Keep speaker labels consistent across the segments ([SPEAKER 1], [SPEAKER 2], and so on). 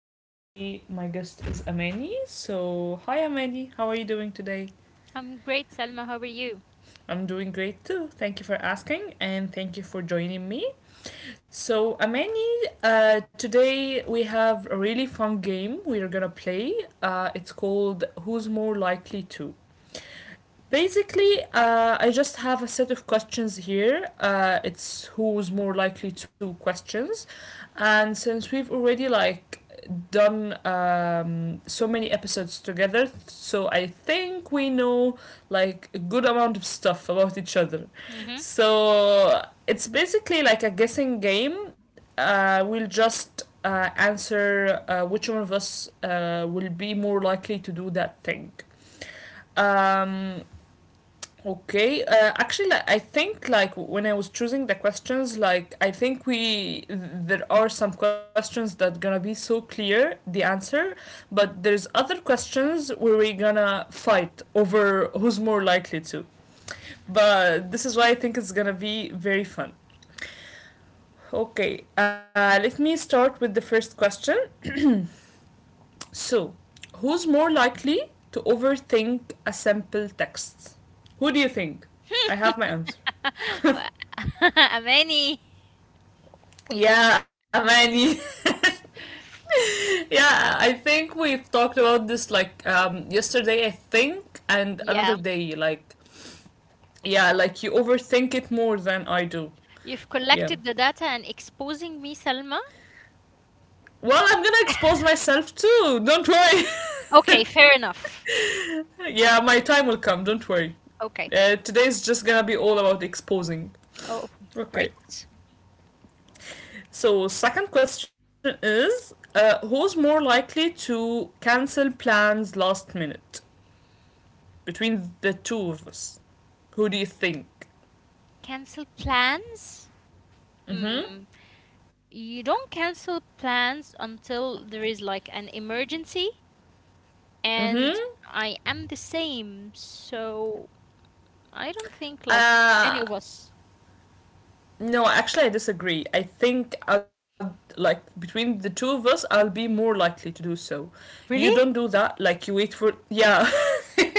[SPEAKER 1] and today my guest is Amani. So, hi Amani, how are you doing today?
[SPEAKER 2] I'm great, Salma. How are you?
[SPEAKER 1] I'm doing great too. Thank you for asking and thank you for joining me. So, Amani, today we have a really fun game we are gonna play. It's called Who's More Likely to? Basically, I just have a set of questions here. It's who's more likely to questions, and since we've already like done so many episodes together, so I think we know like a good amount of stuff about each other.
[SPEAKER 2] Mm-hmm.
[SPEAKER 1] So it's basically like a guessing game. We'll just answer which one of us will be more likely to do that thing. Um, Okay. Actually, like, I think like when I was choosing the questions, like I think we there are some questions that gonna be so clear the answer, but there's other questions where we gonna fight over who's more likely to. But this is why I think it's gonna be very fun. Okay. Let me start with the first question. So, who's more likely to overthink a simple text? Who do you think? I have my answer.
[SPEAKER 2] Amani.
[SPEAKER 1] Yeah, man. Yeah, I think we've talked about this like yesterday, I think, and
[SPEAKER 2] Yeah,
[SPEAKER 1] another day. Like, yeah, like you overthink it more than I do.
[SPEAKER 2] you've collected
[SPEAKER 1] Yeah.
[SPEAKER 2] the data and exposing me, Salma.
[SPEAKER 1] Well, I'm gonna expose myself too. Don't worry.
[SPEAKER 2] Okay, fair enough.
[SPEAKER 1] Yeah, my time will come. Don't worry.
[SPEAKER 2] Okay.
[SPEAKER 1] Today's just gonna be all about exposing.
[SPEAKER 2] Oh,
[SPEAKER 1] Okay.
[SPEAKER 2] great.
[SPEAKER 1] So, second question is who's more likely to cancel plans last minute? Between the two of us, who do you think?
[SPEAKER 2] Cancel plans? Mm.
[SPEAKER 1] Mm-hmm.
[SPEAKER 2] You don't cancel plans until there is like an emergency, and
[SPEAKER 1] Mm-hmm.
[SPEAKER 2] I am the same, so I don't think like any
[SPEAKER 1] Uh
[SPEAKER 2] of us.
[SPEAKER 1] no, actually I disagree. I think I'd like between the two of us I'll be more likely to do so. You don't do
[SPEAKER 2] Really?
[SPEAKER 1] that, like you wait for yeah.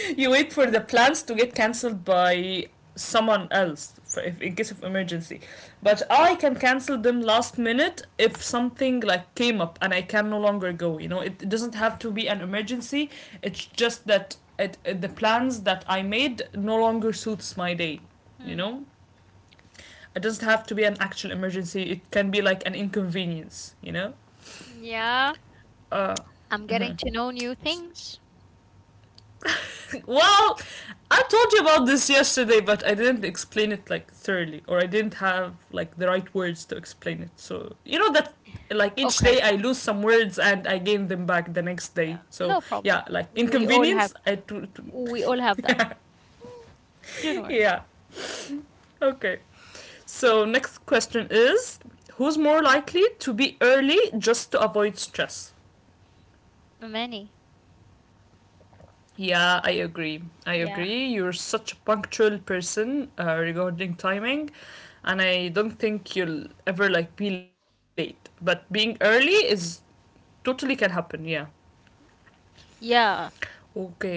[SPEAKER 1] You wait for the plans to get cancelled by someone else for if, in case of emergency, but I can cancel them last minute if something like came up and I can no longer go. You know, it doesn't have to be an emergency. It's just that the plans that I made no longer suits my day, you
[SPEAKER 2] Hmm.
[SPEAKER 1] know. It doesn't have to be an actual emergency, it can be like an inconvenience, you know.
[SPEAKER 2] Yeah,
[SPEAKER 1] uh
[SPEAKER 2] I'm getting
[SPEAKER 1] mhm.
[SPEAKER 2] to know new things.
[SPEAKER 1] Well, I told you about this yesterday, but I didn't explain it like thoroughly, or I didn't have like the right words to explain it. So you know that like each
[SPEAKER 2] Okay.
[SPEAKER 1] day I lose some words and I gain them back the next day. So
[SPEAKER 2] No problem.
[SPEAKER 1] yeah, like
[SPEAKER 2] We all have
[SPEAKER 1] inconvenience.
[SPEAKER 2] we all have that.
[SPEAKER 1] Yeah,
[SPEAKER 2] Don't worry.
[SPEAKER 1] yeah. Okay. So next question is, who's more likely to be early just to avoid stress?
[SPEAKER 2] Many.
[SPEAKER 1] Yeah, I agree. I
[SPEAKER 2] Yeah.
[SPEAKER 1] agree. You're such a punctual person regarding timing. And I don't think you'll ever like be late. But being early is totally can happen. Yeah.
[SPEAKER 2] Yeah.
[SPEAKER 1] Okay.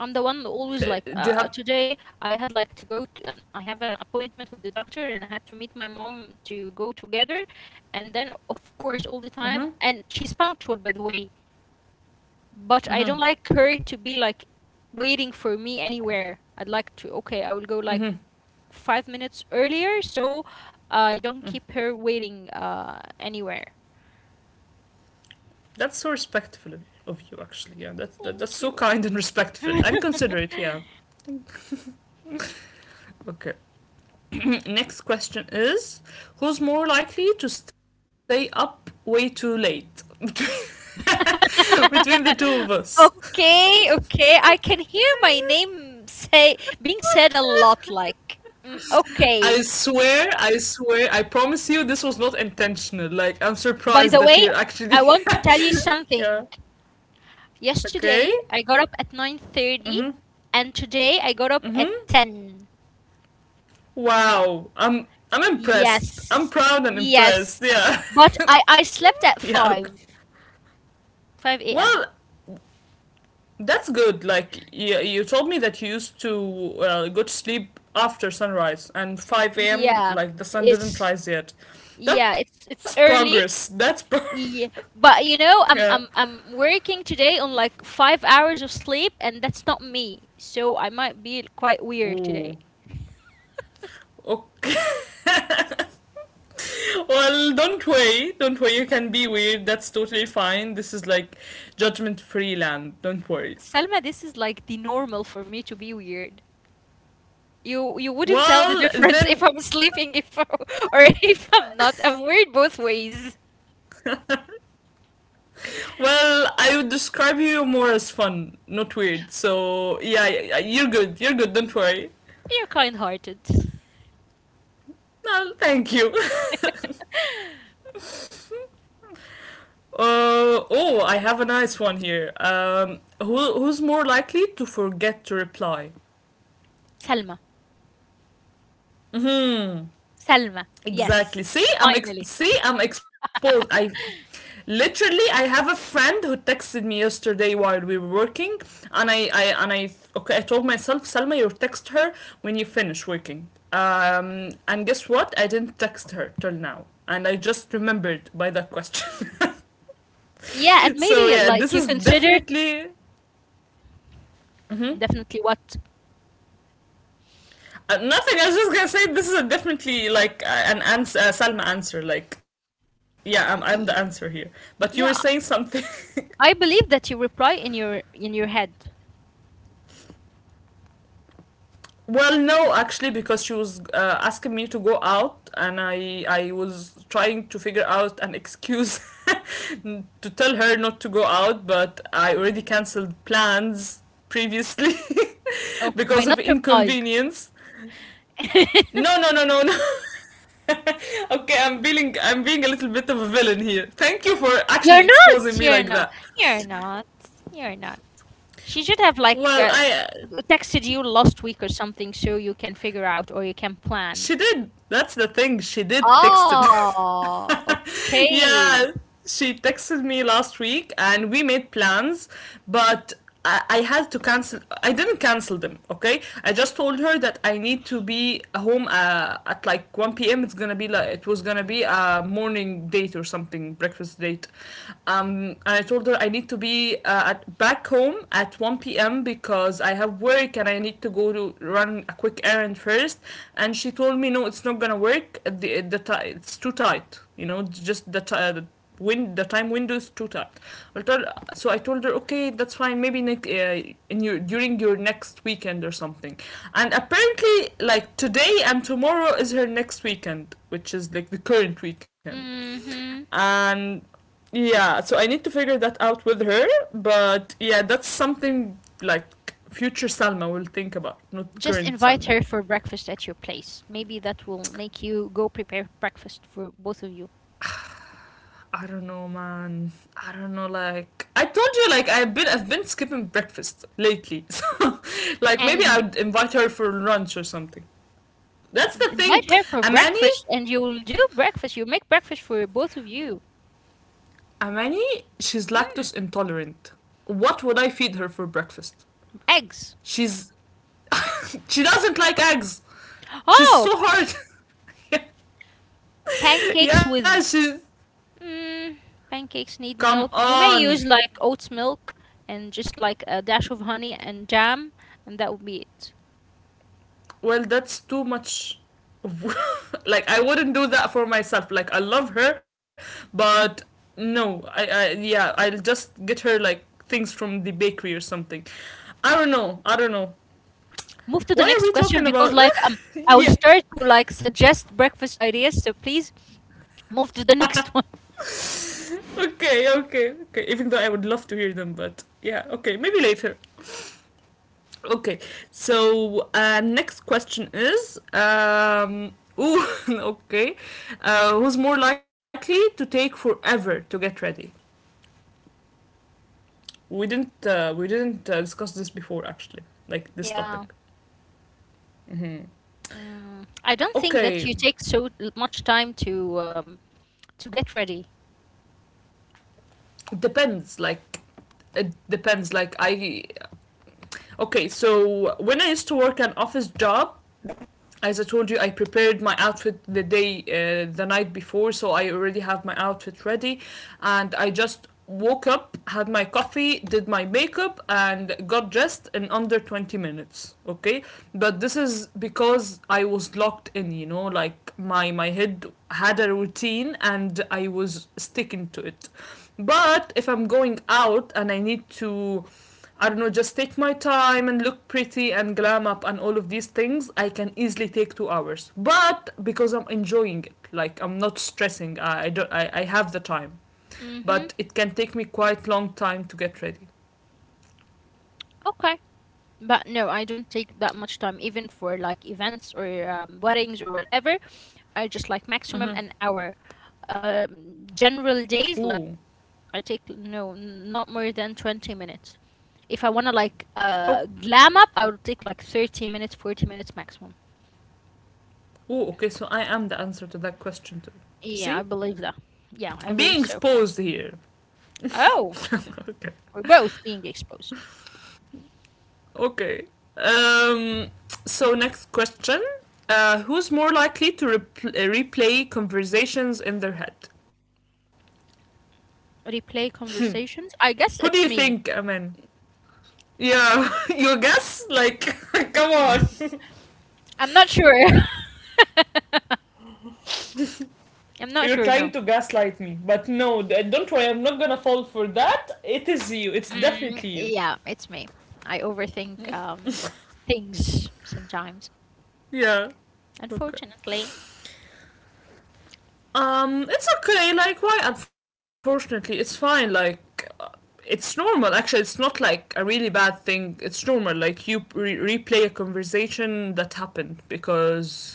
[SPEAKER 2] I'm the one always like
[SPEAKER 1] Do you have?
[SPEAKER 2] today I had like to go to and I have an appointment with the doctor, and I had to meet my mom to go together, and then of course
[SPEAKER 1] Mhm.
[SPEAKER 2] all the time and she's punctual by the way, but I
[SPEAKER 1] Mhm.
[SPEAKER 2] don't like her to be like waiting for me anywhere. I'd like to, okay, I will go like
[SPEAKER 1] Mhm.
[SPEAKER 2] 5 minutes earlier so I don't
[SPEAKER 1] Mm.
[SPEAKER 2] keep her waiting anywhere.
[SPEAKER 1] That's so respectful of- You, actually. Yeah. That's so
[SPEAKER 2] Thank
[SPEAKER 1] kind and
[SPEAKER 2] you.
[SPEAKER 1] respectful and considerate. Yeah. Okay. Next question is, who's more likely to stay up way too late? Between the two of us.
[SPEAKER 2] Okay, okay. I can hear my name say being said a lot like
[SPEAKER 1] I
[SPEAKER 2] okay.
[SPEAKER 1] swear, I swear, I promise you this was not intentional. Like, I'm
[SPEAKER 2] By
[SPEAKER 1] surprised
[SPEAKER 2] the
[SPEAKER 1] that
[SPEAKER 2] way,
[SPEAKER 1] you're
[SPEAKER 2] I
[SPEAKER 1] actually.
[SPEAKER 2] want to tell you
[SPEAKER 1] Yeah.
[SPEAKER 2] something.
[SPEAKER 1] Okay.
[SPEAKER 2] Yesterday I got up at 9:30,
[SPEAKER 1] Hmm.
[SPEAKER 2] and today I got up at
[SPEAKER 1] Hmm.
[SPEAKER 2] 10.
[SPEAKER 1] Wow. I'm impressed. I'm
[SPEAKER 2] Yes.
[SPEAKER 1] proud and
[SPEAKER 2] Yes.
[SPEAKER 1] impressed. Yeah.
[SPEAKER 2] But I slept at
[SPEAKER 1] Yeah. Okay.
[SPEAKER 2] 5, 5 a.m.
[SPEAKER 1] Well, that's good. Like, you told me that you used to go to sleep after sunrise and 5 a.m.
[SPEAKER 2] Yeah.
[SPEAKER 1] Like the sun didn't
[SPEAKER 2] It's
[SPEAKER 1] rise yet. That's
[SPEAKER 2] Yeah, it's
[SPEAKER 1] progress. That's
[SPEAKER 2] early.
[SPEAKER 1] pro-
[SPEAKER 2] Yeah, but
[SPEAKER 1] Yeah.
[SPEAKER 2] I'm working today on like 5 hours of sleep, and that's not me. So I might be quite weird
[SPEAKER 1] Ooh.
[SPEAKER 2] today.
[SPEAKER 1] Okay. Well, don't worry. Don't worry. You can be weird. That's totally fine. This is like judgment free land. Don't worry.
[SPEAKER 2] Salma, this is like the normal for me to be weird. You wouldn't tell the
[SPEAKER 1] Well,
[SPEAKER 2] difference if
[SPEAKER 1] then.
[SPEAKER 2] I'm sleeping, if I- or if I'm not. I'm weird both ways.
[SPEAKER 1] Well, I would describe you more as fun, not weird. So, yeah, yeah, yeah, you're good. You're good. Don't worry.
[SPEAKER 2] You're kind-hearted.
[SPEAKER 1] No, thank you. Oh, I have a nice one here. Who's more likely to forget to reply?
[SPEAKER 2] Salma.
[SPEAKER 1] Hmm.
[SPEAKER 2] Salma.
[SPEAKER 1] Exactly.
[SPEAKER 2] Yes. Finally.
[SPEAKER 1] See, I'm exposed. I Literally I have a friend who texted me yesterday while we were working, and I okay, I told myself, Salma, you text her when you finish working. And guess what? I didn't text her till now, and I just remembered by that question.
[SPEAKER 2] Yeah, and
[SPEAKER 1] So
[SPEAKER 2] maybe
[SPEAKER 1] yeah,
[SPEAKER 2] like
[SPEAKER 1] this
[SPEAKER 2] you
[SPEAKER 1] is
[SPEAKER 2] consider
[SPEAKER 1] definitely. Mhm.
[SPEAKER 2] definitely what
[SPEAKER 1] Nothing. I was just gonna say this is a definitely like an ans. Salma answer. Like, yeah, I'm the answer here.
[SPEAKER 2] y-
[SPEAKER 1] But you were saying something.
[SPEAKER 2] yeah, I believe that you reply in your head.
[SPEAKER 1] Well, no, actually, because she was asking me to go out, and I was trying to figure out an excuse to tell her not to go out, but I already cancelled plans previously
[SPEAKER 2] Okay, by
[SPEAKER 1] because of
[SPEAKER 2] not replying.
[SPEAKER 1] inconvenience. No, no, no, no, no. Okay, I'm feeling I'm being a little bit of a villain here. Thank you for actually
[SPEAKER 2] You're
[SPEAKER 1] exposing
[SPEAKER 2] not.
[SPEAKER 1] me like
[SPEAKER 2] You're
[SPEAKER 1] that.
[SPEAKER 2] not. You're not. You're not. She should have like
[SPEAKER 1] Well, I
[SPEAKER 2] texted you last week or something, so you can figure out or you can plan.
[SPEAKER 1] She did. That's the thing. She did texted.
[SPEAKER 2] Oh,
[SPEAKER 1] Yeah,
[SPEAKER 2] okay.
[SPEAKER 1] she texted me last week, and we made plans, but. I had to cancel. I didn't cancel them. Okay, I just told her that I need to be home at like 1 p.m. It's gonna be like it was gonna be a morning date or something, breakfast date. And I told her I need to be back home at 1 p.m. because I have work and I need to go to run a quick errand first. And she told me, no, it's not gonna work. The ti It's too tight. You know, just the time window is too tight. I told, so I told her, okay, that's fine. Maybe next in your during your next weekend or something. And apparently, like today and tomorrow is her next weekend, which is like the current weekend,
[SPEAKER 2] Mm-hmm.
[SPEAKER 1] and yeah, so I need to figure that out with her. But yeah, that's something like future Salma will think about, not
[SPEAKER 2] Just
[SPEAKER 1] current
[SPEAKER 2] invite
[SPEAKER 1] Salma.
[SPEAKER 2] her for breakfast at your place. Maybe that will make you go prepare breakfast for both of you.
[SPEAKER 1] I don't know, man. I don't know. Like I told you, like I've been skipping breakfast lately so like maybe
[SPEAKER 2] And
[SPEAKER 1] I
[SPEAKER 2] w-
[SPEAKER 1] would invite her for lunch or something. That's
[SPEAKER 2] you
[SPEAKER 1] the
[SPEAKER 2] invite
[SPEAKER 1] thing.
[SPEAKER 2] her for
[SPEAKER 1] Amani.
[SPEAKER 2] breakfast, and you'll do breakfast. You make breakfast for both of you.
[SPEAKER 1] Amani, she's lactose
[SPEAKER 2] Hmm,
[SPEAKER 1] intolerant. What would I feed her for breakfast?
[SPEAKER 2] Eggs.
[SPEAKER 1] She's she doesn't like eggs. She's so
[SPEAKER 2] Oh,
[SPEAKER 1] hard. Yeah,
[SPEAKER 2] pancakes
[SPEAKER 1] yeah,
[SPEAKER 2] with
[SPEAKER 1] she's.
[SPEAKER 2] Mm, pancakes need
[SPEAKER 1] Come
[SPEAKER 2] milk. You may
[SPEAKER 1] on.
[SPEAKER 2] use like oats milk and just like a dash of honey and jam, and that would be it.
[SPEAKER 1] Well, that's too much. Like I wouldn't do that for myself. Like I love her, but no. I Yeah. I'll just get her like things from the bakery or something. I don't know. I don't know.
[SPEAKER 2] Move to the next
[SPEAKER 1] Why are we
[SPEAKER 2] question
[SPEAKER 1] talking
[SPEAKER 2] because like
[SPEAKER 1] about?
[SPEAKER 2] I will start
[SPEAKER 1] Yeah.
[SPEAKER 2] to like suggest breakfast ideas, so please move to the next one.
[SPEAKER 1] Okay. Okay. Okay. Even though I would love to hear them, but yeah. Okay. Maybe later. Okay, so next question is ooh, okay, who's more likely to take forever to get ready? We didn't discuss this before actually, like this
[SPEAKER 2] Yeah.
[SPEAKER 1] topic. Mm-hmm.
[SPEAKER 2] I don't think that you
[SPEAKER 1] Okay,
[SPEAKER 2] take so much time to get ready.
[SPEAKER 1] depends. Like it depends. Like I Okay, so when I used to work an office job, as I told you, I prepared my outfit the night before, so I already have my outfit ready, and I just woke up, had my coffee, did my makeup, and got dressed in under 20 minutes. Okay, but this is because I was locked in, you know, like my head had a routine and I was sticking to it. But if I'm going out and I need to, I don't know, just take my time and look pretty and glam up and all of these things, I can easily take 2 hours. But because I'm enjoying it, like I'm not stressing, I don't, I have the time.
[SPEAKER 2] Mm-hmm.
[SPEAKER 1] But it can take me quite long time to get ready.
[SPEAKER 2] Okay. But no, I don't take that much time, even for like events or weddings or whatever. I just like maximum an
[SPEAKER 1] Mm-hmm.
[SPEAKER 2] hour. General days,
[SPEAKER 1] Ooh,
[SPEAKER 2] like I take not more than 20 minutes. If I want to like
[SPEAKER 1] oh,
[SPEAKER 2] glam up, I will take like 30 minutes, 40 minutes maximum.
[SPEAKER 1] Ooh. Okay, so I am the answer to that question too.
[SPEAKER 2] Yeah, I believe that.
[SPEAKER 1] See,
[SPEAKER 2] Yeah, I
[SPEAKER 1] I'm
[SPEAKER 2] believe
[SPEAKER 1] being
[SPEAKER 2] so.
[SPEAKER 1] exposed here.
[SPEAKER 2] Oh, we're both being exposed.
[SPEAKER 1] Okay. Um, so next question: who's more likely to replay conversations in their head?
[SPEAKER 2] Replay conversations?
[SPEAKER 1] Who do
[SPEAKER 2] I
[SPEAKER 1] you
[SPEAKER 2] guess it's
[SPEAKER 1] think?
[SPEAKER 2] me.
[SPEAKER 1] Aman? Yeah, your guess. Like, come on,
[SPEAKER 2] I'm not sure. I'm not
[SPEAKER 1] you're
[SPEAKER 2] sure,
[SPEAKER 1] trying
[SPEAKER 2] no.
[SPEAKER 1] to gaslight me, but no, don't worry, I'm not gonna fall for that. It is you. It's definitely you.
[SPEAKER 2] Yeah, it's me. I overthink things sometimes.
[SPEAKER 1] Yeah. Okay.
[SPEAKER 2] Unfortunately,
[SPEAKER 1] It's okay. Like, why? Unfortunately, it's fine. Like, it's normal actually. It's not like a really bad thing. It's normal, like you replay a conversation that happened because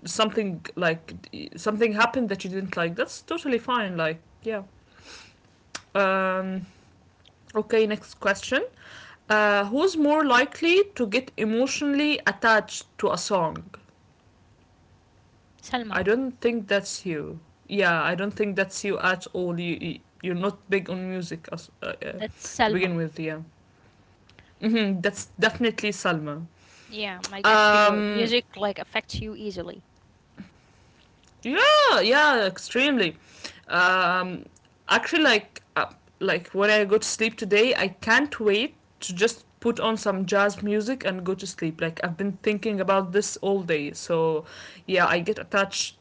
[SPEAKER 1] something like something happened that you didn't like. That's totally fine, like yeah. Um, okay, next question. Who's more likely to get emotionally attached to a song?
[SPEAKER 2] Salma.
[SPEAKER 1] I don't think that's you. Yeah, I don't think that's you at all. You are not big on music as,
[SPEAKER 2] That's
[SPEAKER 1] to
[SPEAKER 2] Salma.
[SPEAKER 1] begin with, yeah. Hmm, that's definitely Salma.
[SPEAKER 2] Yeah, I guess your
[SPEAKER 1] Um,
[SPEAKER 2] music like affects you easily.
[SPEAKER 1] yeah, yeah, extremely. Um, actually, like when I go to sleep today, I can't wait to just put on some jazz music and go to sleep. Like, I've been thinking about this all day, so yeah, I get attached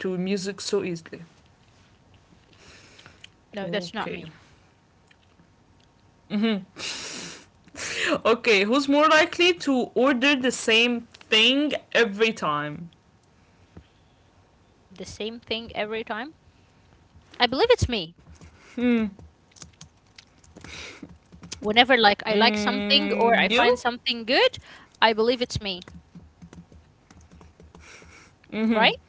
[SPEAKER 1] to music so easily.
[SPEAKER 2] No, that's not
[SPEAKER 1] Okay.
[SPEAKER 2] me.
[SPEAKER 1] Mhm. Okay, who's more likely to order the same thing every time?
[SPEAKER 2] The same thing every time. I believe it's me. Whenever like I like something or I
[SPEAKER 1] Mm,
[SPEAKER 2] find
[SPEAKER 1] you?
[SPEAKER 2] something good, I believe it's me. Right?
[SPEAKER 1] Hmm.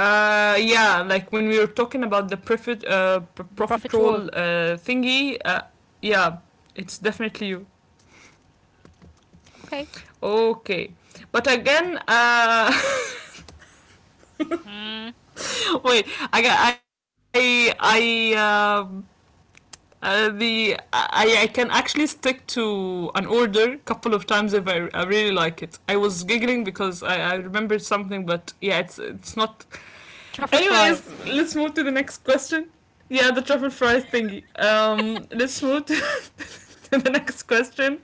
[SPEAKER 1] Yeah, like when we were talking about the profit
[SPEAKER 2] The
[SPEAKER 1] profit
[SPEAKER 2] profit rule.
[SPEAKER 1] roll thingy. Yeah, it's definitely you.
[SPEAKER 2] Okay.
[SPEAKER 1] Okay, but again,
[SPEAKER 2] Mm,
[SPEAKER 1] wait, I I I. Um, I can actually stick to an order a couple of times if I really like it. I was giggling because I remembered something, but yeah, it's not.
[SPEAKER 2] Truffle fries.
[SPEAKER 1] Anyways, let's move to the next question. Yeah, the truffle fries thingy. Let's move to the next question.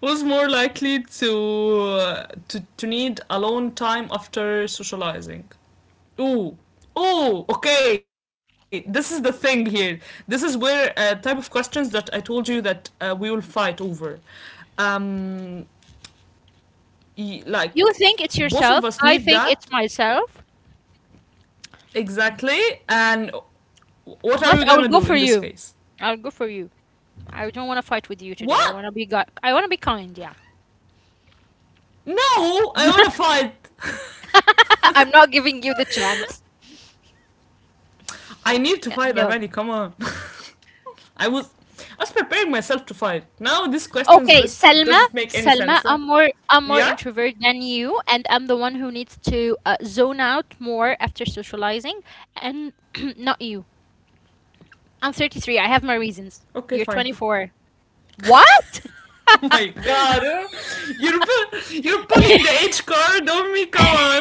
[SPEAKER 1] Who's more likely to need alone time after socializing? Ooh. Oh, okay. This is the thing here. This is where a type of questions that I told you that we will fight over. Um, like
[SPEAKER 2] You think it's
[SPEAKER 1] both of
[SPEAKER 2] yourself.
[SPEAKER 1] us
[SPEAKER 2] I
[SPEAKER 1] need
[SPEAKER 2] think
[SPEAKER 1] that
[SPEAKER 2] it's myself.
[SPEAKER 1] exactly. And what are we
[SPEAKER 2] But I will
[SPEAKER 1] gonna
[SPEAKER 2] go
[SPEAKER 1] do
[SPEAKER 2] for
[SPEAKER 1] in this
[SPEAKER 2] you.
[SPEAKER 1] case?
[SPEAKER 2] I'll go for you. I don't want to fight with you today. I
[SPEAKER 1] What?
[SPEAKER 2] want to be kind, yeah.
[SPEAKER 1] No! I wanna fight!
[SPEAKER 2] I'm not giving you the chance.
[SPEAKER 1] I need to
[SPEAKER 2] Yeah,
[SPEAKER 1] fight,
[SPEAKER 2] no.
[SPEAKER 1] Avani, come on. I was I was preparing myself to fight. Now these questions
[SPEAKER 2] Okay,
[SPEAKER 1] just
[SPEAKER 2] Selma.
[SPEAKER 1] doesn't make any sense.
[SPEAKER 2] Selma,
[SPEAKER 1] Huh?
[SPEAKER 2] I'm more
[SPEAKER 1] Yeah?
[SPEAKER 2] introvert than you, and I'm the one who needs to zone out more after socializing, and not you. I'm 33. I have my
[SPEAKER 1] Okay,
[SPEAKER 2] reasons.
[SPEAKER 1] fine.
[SPEAKER 2] You're 24. What?
[SPEAKER 1] Oh my god. Huh? You're you're pulling the H card on me, come on.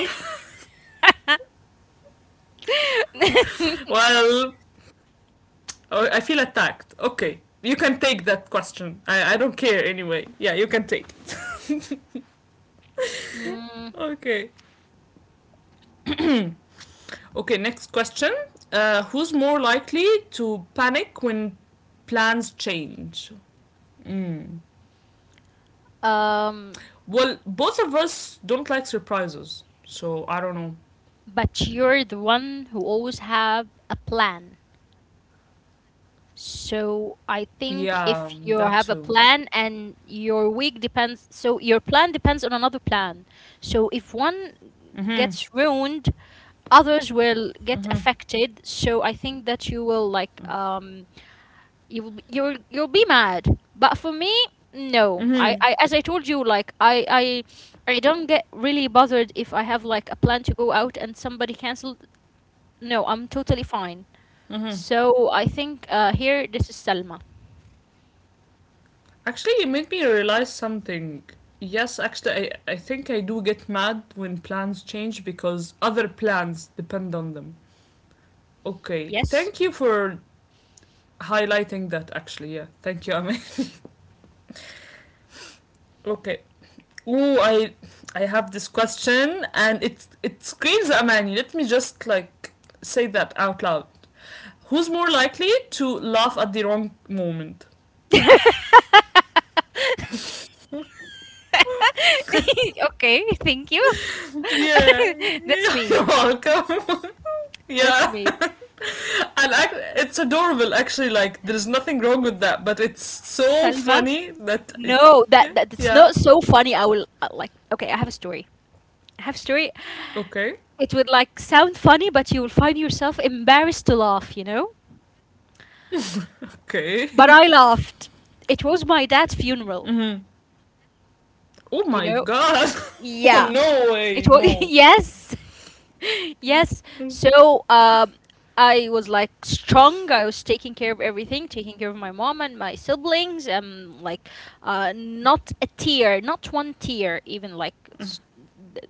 [SPEAKER 1] Well, oh, I feel attacked. Okay. You can take that question. I don't care anyway. Yeah, you can take it.
[SPEAKER 2] Mm,
[SPEAKER 1] Okay. Okay, next question. Who's more likely to panic when plans change?
[SPEAKER 2] um,
[SPEAKER 1] Well, both of us don't like surprises, so I don't know.
[SPEAKER 2] but you're the one who always have a plan. So I think
[SPEAKER 1] Yeah,
[SPEAKER 2] if you
[SPEAKER 1] that
[SPEAKER 2] have a
[SPEAKER 1] too.
[SPEAKER 2] plan and your week depends, so your plan depends on another plan. So if one gets ruined, others will get affected. So I think that you will like you will you'll be mad. But for me, no. I,
[SPEAKER 1] Hmm.
[SPEAKER 2] I as I told you, like I don't get really bothered if I have like a plan to go out and somebody canceled. No, I'm totally fine. So I think here this is Salma.
[SPEAKER 1] Actually, it made me realize something. Yes, actually, I think I do get mad when plans change because other plans depend on them. Okay,
[SPEAKER 2] Yes.
[SPEAKER 1] thank you for highlighting that, actually. Yeah, thank you, Ame. Okay. Oh, I have this question and it screams Amani. Let me just like say that out loud. Who's more likely to laugh at the wrong moment?
[SPEAKER 2] Okay, thank you.
[SPEAKER 1] Yeah,
[SPEAKER 2] That's
[SPEAKER 1] you're
[SPEAKER 2] me.
[SPEAKER 1] welcome.
[SPEAKER 2] That's
[SPEAKER 1] Yeah,
[SPEAKER 2] me.
[SPEAKER 1] and it's adorable actually. Like there's nothing wrong with that, but it's so
[SPEAKER 2] Salma.
[SPEAKER 1] funny that
[SPEAKER 2] No,
[SPEAKER 1] yeah,
[SPEAKER 2] that's
[SPEAKER 1] yeah.
[SPEAKER 2] not so funny. I will like okay, I have a story. I have a story.
[SPEAKER 1] Okay,
[SPEAKER 2] It would like sound funny, but you will find yourself embarrassed to laugh, you know?
[SPEAKER 1] okay.
[SPEAKER 2] But I laughed. It was my dad's funeral,
[SPEAKER 1] Hmm. Oh
[SPEAKER 2] you
[SPEAKER 1] my
[SPEAKER 2] know?
[SPEAKER 1] god! Oh
[SPEAKER 2] Yeah.
[SPEAKER 1] no way,
[SPEAKER 2] It was
[SPEAKER 1] no.
[SPEAKER 2] yes, yes. So I was like strong. I was taking care of everything, taking care of my mom and my siblings. Like, not a tear, not one tear, even like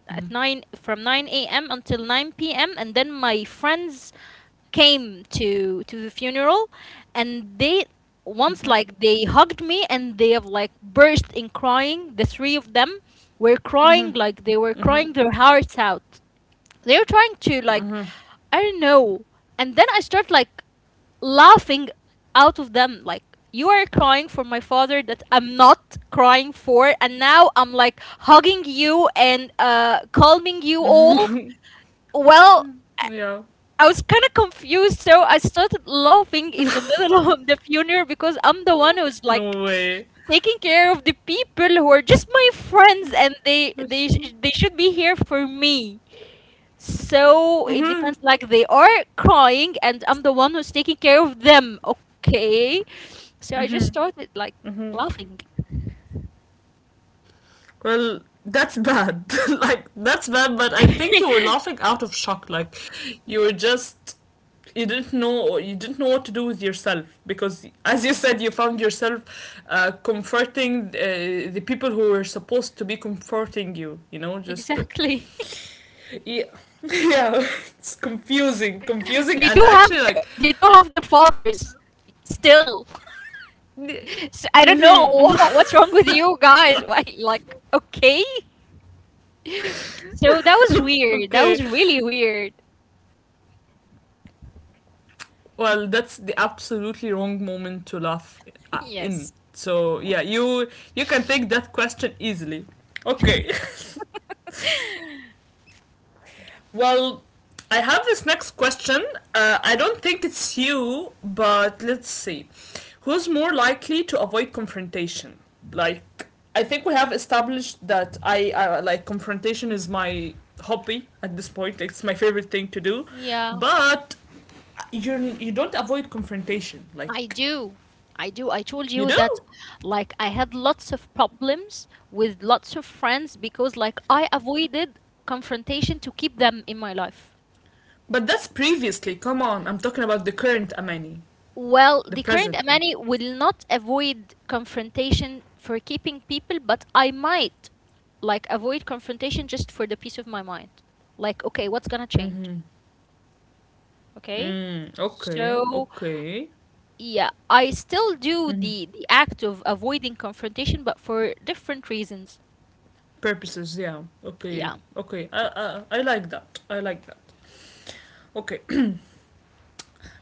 [SPEAKER 2] at nine, from 9 a.m. until 9 p.m. And then my friends came to the funeral, and they, once
[SPEAKER 1] Hmm.
[SPEAKER 2] like they hugged me, and they have like burst in crying. The three of them were crying, like they were
[SPEAKER 1] Hmm.
[SPEAKER 2] crying their hearts out. They were trying to, like, I don't know. And then I start like laughing out of them, like, you are crying for my father that I'm not crying for, and now I'm like hugging you and calming you all.
[SPEAKER 1] Hmm.
[SPEAKER 2] Well,
[SPEAKER 1] Yeah.
[SPEAKER 2] I was kind of confused, so I started laughing in the middle of the funeral because I'm the one who's like
[SPEAKER 1] No way.
[SPEAKER 2] taking care of the people who are just my friends, and they should be here for me. So it
[SPEAKER 1] Hmm.
[SPEAKER 2] depends. Like they are crying, and I'm the one who's taking care of them. Okay, so I just started like laughing.
[SPEAKER 1] Well, that's bad. Like that's bad. But I think you were laughing out of shock. Like you were just you didn't know what to do with yourself because as you said you found yourself comforting the people who were supposed to be comforting you, you know just
[SPEAKER 2] Exactly.
[SPEAKER 1] yeah. Yeah, it's confusing confusing
[SPEAKER 2] they
[SPEAKER 1] and
[SPEAKER 2] do have
[SPEAKER 1] actually
[SPEAKER 2] their
[SPEAKER 1] like.
[SPEAKER 2] they do have their fathers still. So I don't know
[SPEAKER 1] Hmm.
[SPEAKER 2] what's wrong with you guys. Why, like, okay. So that was weird. That
[SPEAKER 1] Okay.
[SPEAKER 2] was really weird.
[SPEAKER 1] Well, that's the absolutely wrong moment to laugh in.
[SPEAKER 2] Yes.
[SPEAKER 1] So yeah, you can take that question easily. Okay. Well, I have this next question. I don't think it's you, but let's see. Who's more likely to avoid confrontation? Like, I think we have established that I like confrontation is my hobby at this point. It's my favorite thing to do,
[SPEAKER 2] Yeah,
[SPEAKER 1] but you don't avoid confrontation.
[SPEAKER 2] I
[SPEAKER 1] Like,
[SPEAKER 2] do. I do. I told
[SPEAKER 1] you
[SPEAKER 2] you
[SPEAKER 1] do?
[SPEAKER 2] that, like, I had lots of problems with lots of friends because, like, I avoided confrontation to keep them in my life.
[SPEAKER 1] But that's previously. Come on, I'm talking about the current Amani,
[SPEAKER 2] Well,
[SPEAKER 1] the
[SPEAKER 2] the current
[SPEAKER 1] present one.
[SPEAKER 2] Amani will not avoid confrontation for keeping people, but I might like avoid confrontation just for the peace of my mind. Like, okay, what's gonna change? Okay?
[SPEAKER 1] Mm, okay,
[SPEAKER 2] So,
[SPEAKER 1] okay.
[SPEAKER 2] yeah, I still do the act of avoiding confrontation, but for different reasons.
[SPEAKER 1] Purposes, yeah. Okay,
[SPEAKER 2] Yeah.
[SPEAKER 1] okay. I like that. I like that. Okay.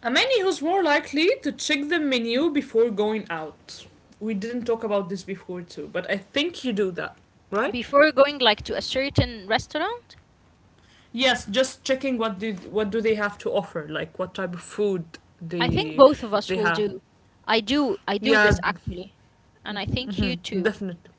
[SPEAKER 1] Amani, who's more likely to check the menu before going out? We didn't talk about this before too, but I think you do that, right?
[SPEAKER 2] Before going like to a certain restaurant,
[SPEAKER 1] Yes, just checking what do they have to offer, like what type of food
[SPEAKER 2] I think
[SPEAKER 1] they
[SPEAKER 2] both of us
[SPEAKER 1] they
[SPEAKER 2] will
[SPEAKER 1] have.
[SPEAKER 2] do. I do
[SPEAKER 1] Yeah,
[SPEAKER 2] this actually, and I think
[SPEAKER 1] mhm,
[SPEAKER 2] you too.
[SPEAKER 1] definitely.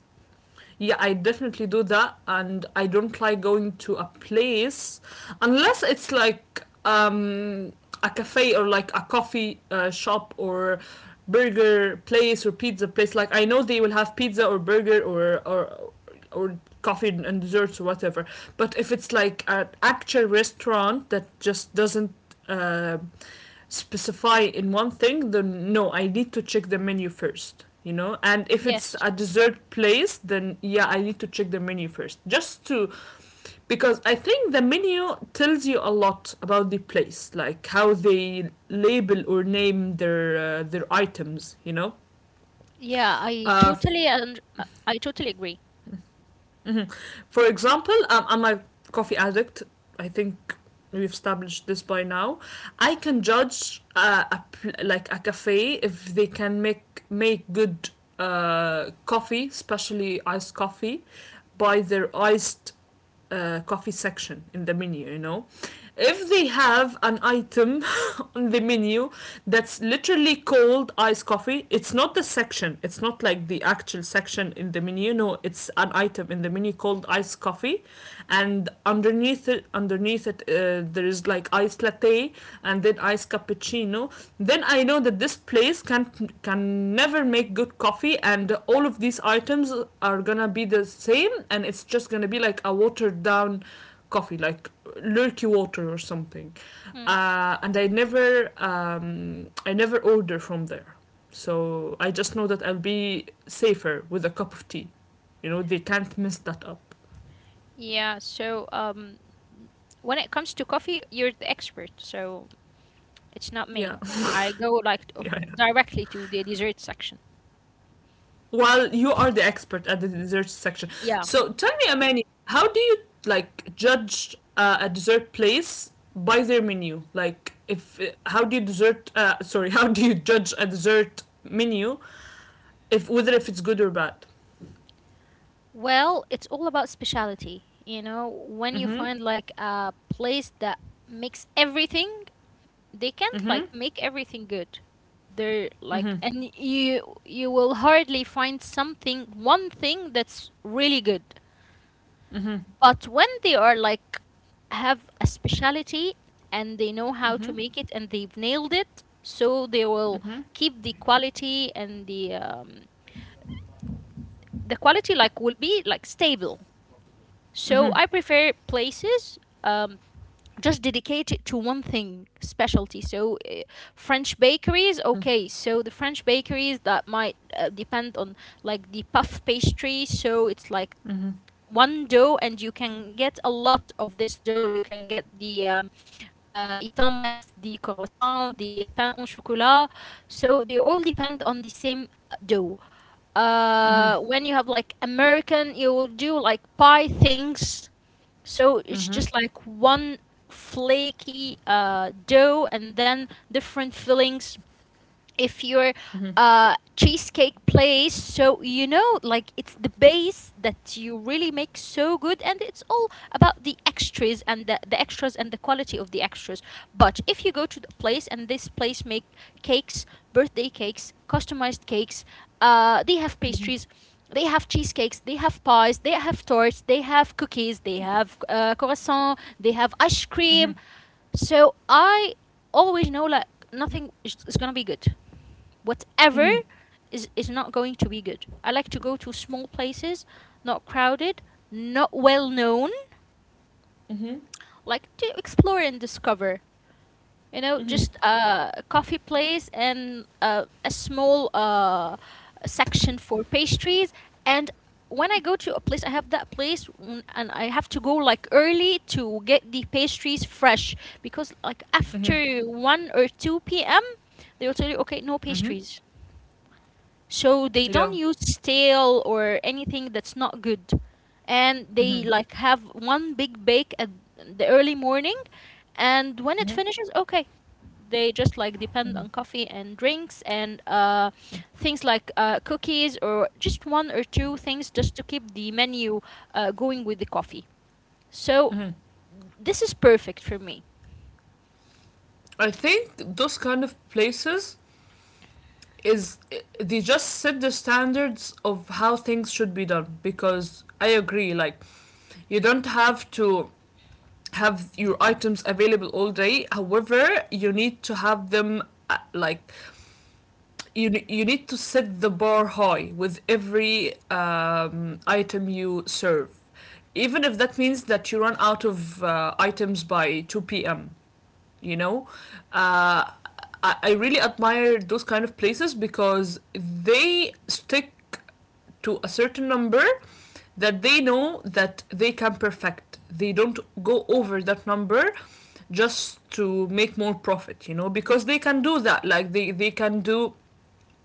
[SPEAKER 1] Yeah, I definitely do that, and I don't like going to a place unless it's like a cafe or like a coffee shop or burger place or pizza place. Like I know they will have pizza or burger or or coffee and desserts or whatever. But if it's like an actual restaurant that just doesn't uh, specify in one thing, then no, I need to check the menu first. You know, and if it's
[SPEAKER 2] Yes.
[SPEAKER 1] a dessert place, then yeah, I need to check the menu first, just to because I think the menu tells you a lot about the place, like how they label or name their their items. You know.
[SPEAKER 2] Yeah,
[SPEAKER 1] uh,
[SPEAKER 2] I totally agree.
[SPEAKER 1] Mm-hmm. For example, I'm a coffee addict. I think we've established this by now. I can judge like a cafe if they can make good coffee, especially iced coffee, by their iced coffee section in the menu, you know. If they have an item on the menu that's literally called iced coffee, it's not the section, it's not like the actual section in the menu. No, it's an item in the menu called iced coffee, and underneath it, there is like iced latte and then iced cappuccino. Then I know that this place can never make good coffee, and all of these items are gonna be the same, and it's just gonna be like a watered down coffee, like lurky water or something.
[SPEAKER 2] Mm.
[SPEAKER 1] And I never order from there, so I just know that I'll be safer with a cup of tea. You know, they can't mess that up.
[SPEAKER 2] Yeah, so when it comes to coffee, you're the expert, so it's not
[SPEAKER 1] Yeah,
[SPEAKER 2] me. I go like
[SPEAKER 1] yeah.
[SPEAKER 2] directly to the dessert section.
[SPEAKER 1] Well, you are the expert at the dessert section.
[SPEAKER 2] Yeah.
[SPEAKER 1] So tell me, Amani, how do you like judge a dessert place by their menu? Like, if how do you dessert? Sorry, how do you judge a dessert menu if whether if it's good or bad?
[SPEAKER 2] Well, it's all about specialty. You know, when you
[SPEAKER 1] Mm-hmm.
[SPEAKER 2] find like a place that makes everything, they can't like
[SPEAKER 1] Mm-hmm.
[SPEAKER 2] make everything good. They're like,
[SPEAKER 1] Mm-hmm.
[SPEAKER 2] and you will hardly find something, one thing that's really good.
[SPEAKER 1] Mm-hmm.
[SPEAKER 2] But when they are like have a specialty and they know how
[SPEAKER 1] Mm-hmm.
[SPEAKER 2] to make it and they've nailed it, so they will keep the quality and the quality like will be like stable. So I prefer places um, just dedicated to one thing specialty. So French bakeries, okay. So the French bakeries that might depend on like the puff pastry. So it's like one dough, and you can get a lot of this dough. You can get the etam mess, the croissant, the pain au chocolat, so they all depend on the same dough.
[SPEAKER 1] Mm-hmm. Mm-hmm. Mm-hmm.
[SPEAKER 2] When you have like American, you will do like pie things, so it's
[SPEAKER 1] Mm-hmm.
[SPEAKER 2] just like one flaky dough and then different fillings. If you're
[SPEAKER 1] Mm-hmm. Mm-hmm. Mm-hmm.
[SPEAKER 2] a cheesecake place, so you know like it's the base that you really make so good, and it's all about the extras and the extras and the quality of the extras. But if you go to the place and this place make cakes, birthday cakes, customized cakes, they have pastries, they have cheesecakes, they have pies, they have torts, they have cookies, they have croissant, they have ice cream, so I always know like nothing is gonna be good. Whatever
[SPEAKER 1] Mm-hmm.
[SPEAKER 2] is not going to be good. I like to go to small places, not crowded, not well known, like to explore and discover. You know,
[SPEAKER 1] Mm-hmm.
[SPEAKER 2] just a coffee place and a small section for pastries. And when I go to a place, I have that place, and I have to go like early to get the pastries fresh because like
[SPEAKER 1] Mm-hmm.
[SPEAKER 2] after 1 or 2 p.m., they will tell you, okay, no
[SPEAKER 1] Mm-hmm.
[SPEAKER 2] pastries. So they
[SPEAKER 1] Yeah.
[SPEAKER 2] don't use stale or anything that's not good, and they
[SPEAKER 1] Mm-hmm.
[SPEAKER 2] like have one big bake at the early morning, and when it
[SPEAKER 1] Mm-hmm.
[SPEAKER 2] finishes, okay, they just like depend on coffee and drinks and things like cookies or just one or two things just to keep the menu going with the coffee. So this is perfect for me.
[SPEAKER 1] I think those kind of places is they just set the standards of how things should be done because I agree like you don't have to have your items available all day, however you need to have them, like you need to set the bar high with every item you serve, even if that means that you run out of items by 2 p.m. you know uh, I really admire those kind of places because they stick to a certain number that they know that they can perfect. They don't go over that number just to make more profit, you know, because they can do that, like they can do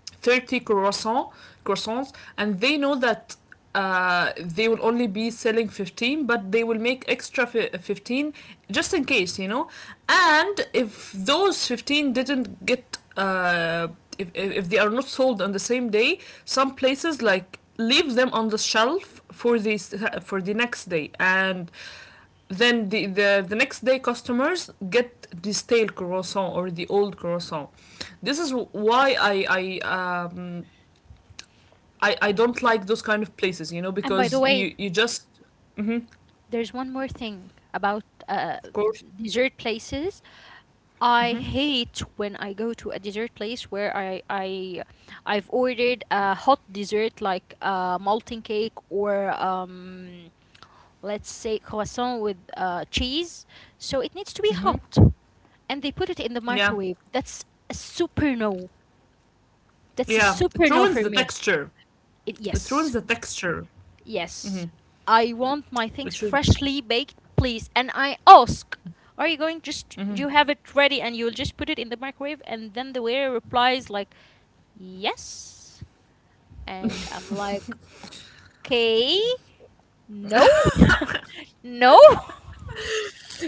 [SPEAKER 1] 30 croissants and they know that they will only be selling 15, but they will make extra 15 just in case, you know. And if those 15 didn't get if they are not sold on the same day, some places like leave them on the shelf for the next day, and then the next day customers get this stale croissant or the old croissant. This is why I don't like those kind of places, you know,
[SPEAKER 2] And by the
[SPEAKER 1] because
[SPEAKER 2] way,
[SPEAKER 1] you just.
[SPEAKER 2] there's one more thing about
[SPEAKER 1] Of course.
[SPEAKER 2] dessert places. I
[SPEAKER 1] Hmm.
[SPEAKER 2] hate when I go to a dessert place where I I've ordered a hot dessert like a molten cake or let's say croissant with cheese. So it needs to be
[SPEAKER 1] Hmm.
[SPEAKER 2] hot, and they put it in the
[SPEAKER 1] Yeah,
[SPEAKER 2] microwave. That's a super no. That's a
[SPEAKER 1] yeah, it
[SPEAKER 2] super no
[SPEAKER 1] ruins
[SPEAKER 2] for
[SPEAKER 1] the
[SPEAKER 2] me.
[SPEAKER 1] texture.
[SPEAKER 2] It,
[SPEAKER 1] It ruins
[SPEAKER 2] yes.
[SPEAKER 1] the texture. Hmm.
[SPEAKER 2] Yes. I want my things
[SPEAKER 1] Which is,
[SPEAKER 2] freshly baked, please. And I ask, are you going just you have it ready and you'll just put it in the microwave? And then the waiter replies like, yes. And I'm like, okay, no, no.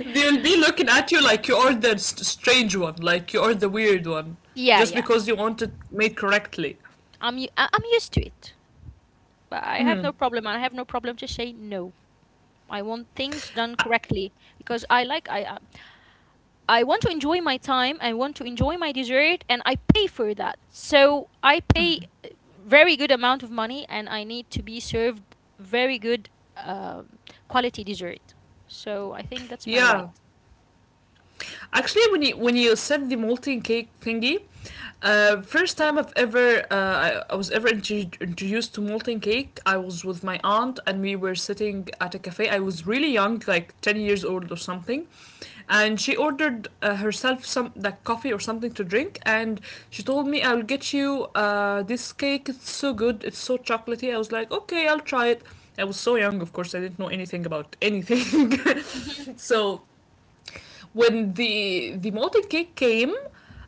[SPEAKER 1] they'll be looking at you like you ordered strange one, like you ordered the weird one,
[SPEAKER 2] Yeah,
[SPEAKER 1] just
[SPEAKER 2] yeah.
[SPEAKER 1] because you want it made correctly.
[SPEAKER 2] I'm used to it. But I have no problem. I have no problem to say no. I want things done correctly because I like I want to enjoy my time. I want to enjoy my dessert, and I pay for that. So I pay very good amount of money, and I need to be served very good, um, quality dessert. So I think that's my right.
[SPEAKER 1] Yeah. Actually, when you said the molten cake thingy, first time I was ever introduced to molten cake, I was with my aunt and we were sitting at a cafe. I was really young, like 10 years old or something, and she ordered herself some like coffee or something to drink, and she told me, I'll get you this cake. It's so good. It's so chocolatey. I was like, okay, I'll try it. I was so young, of course, I didn't know anything about anything.
[SPEAKER 2] Mhm.
[SPEAKER 1] So when the molten cake came,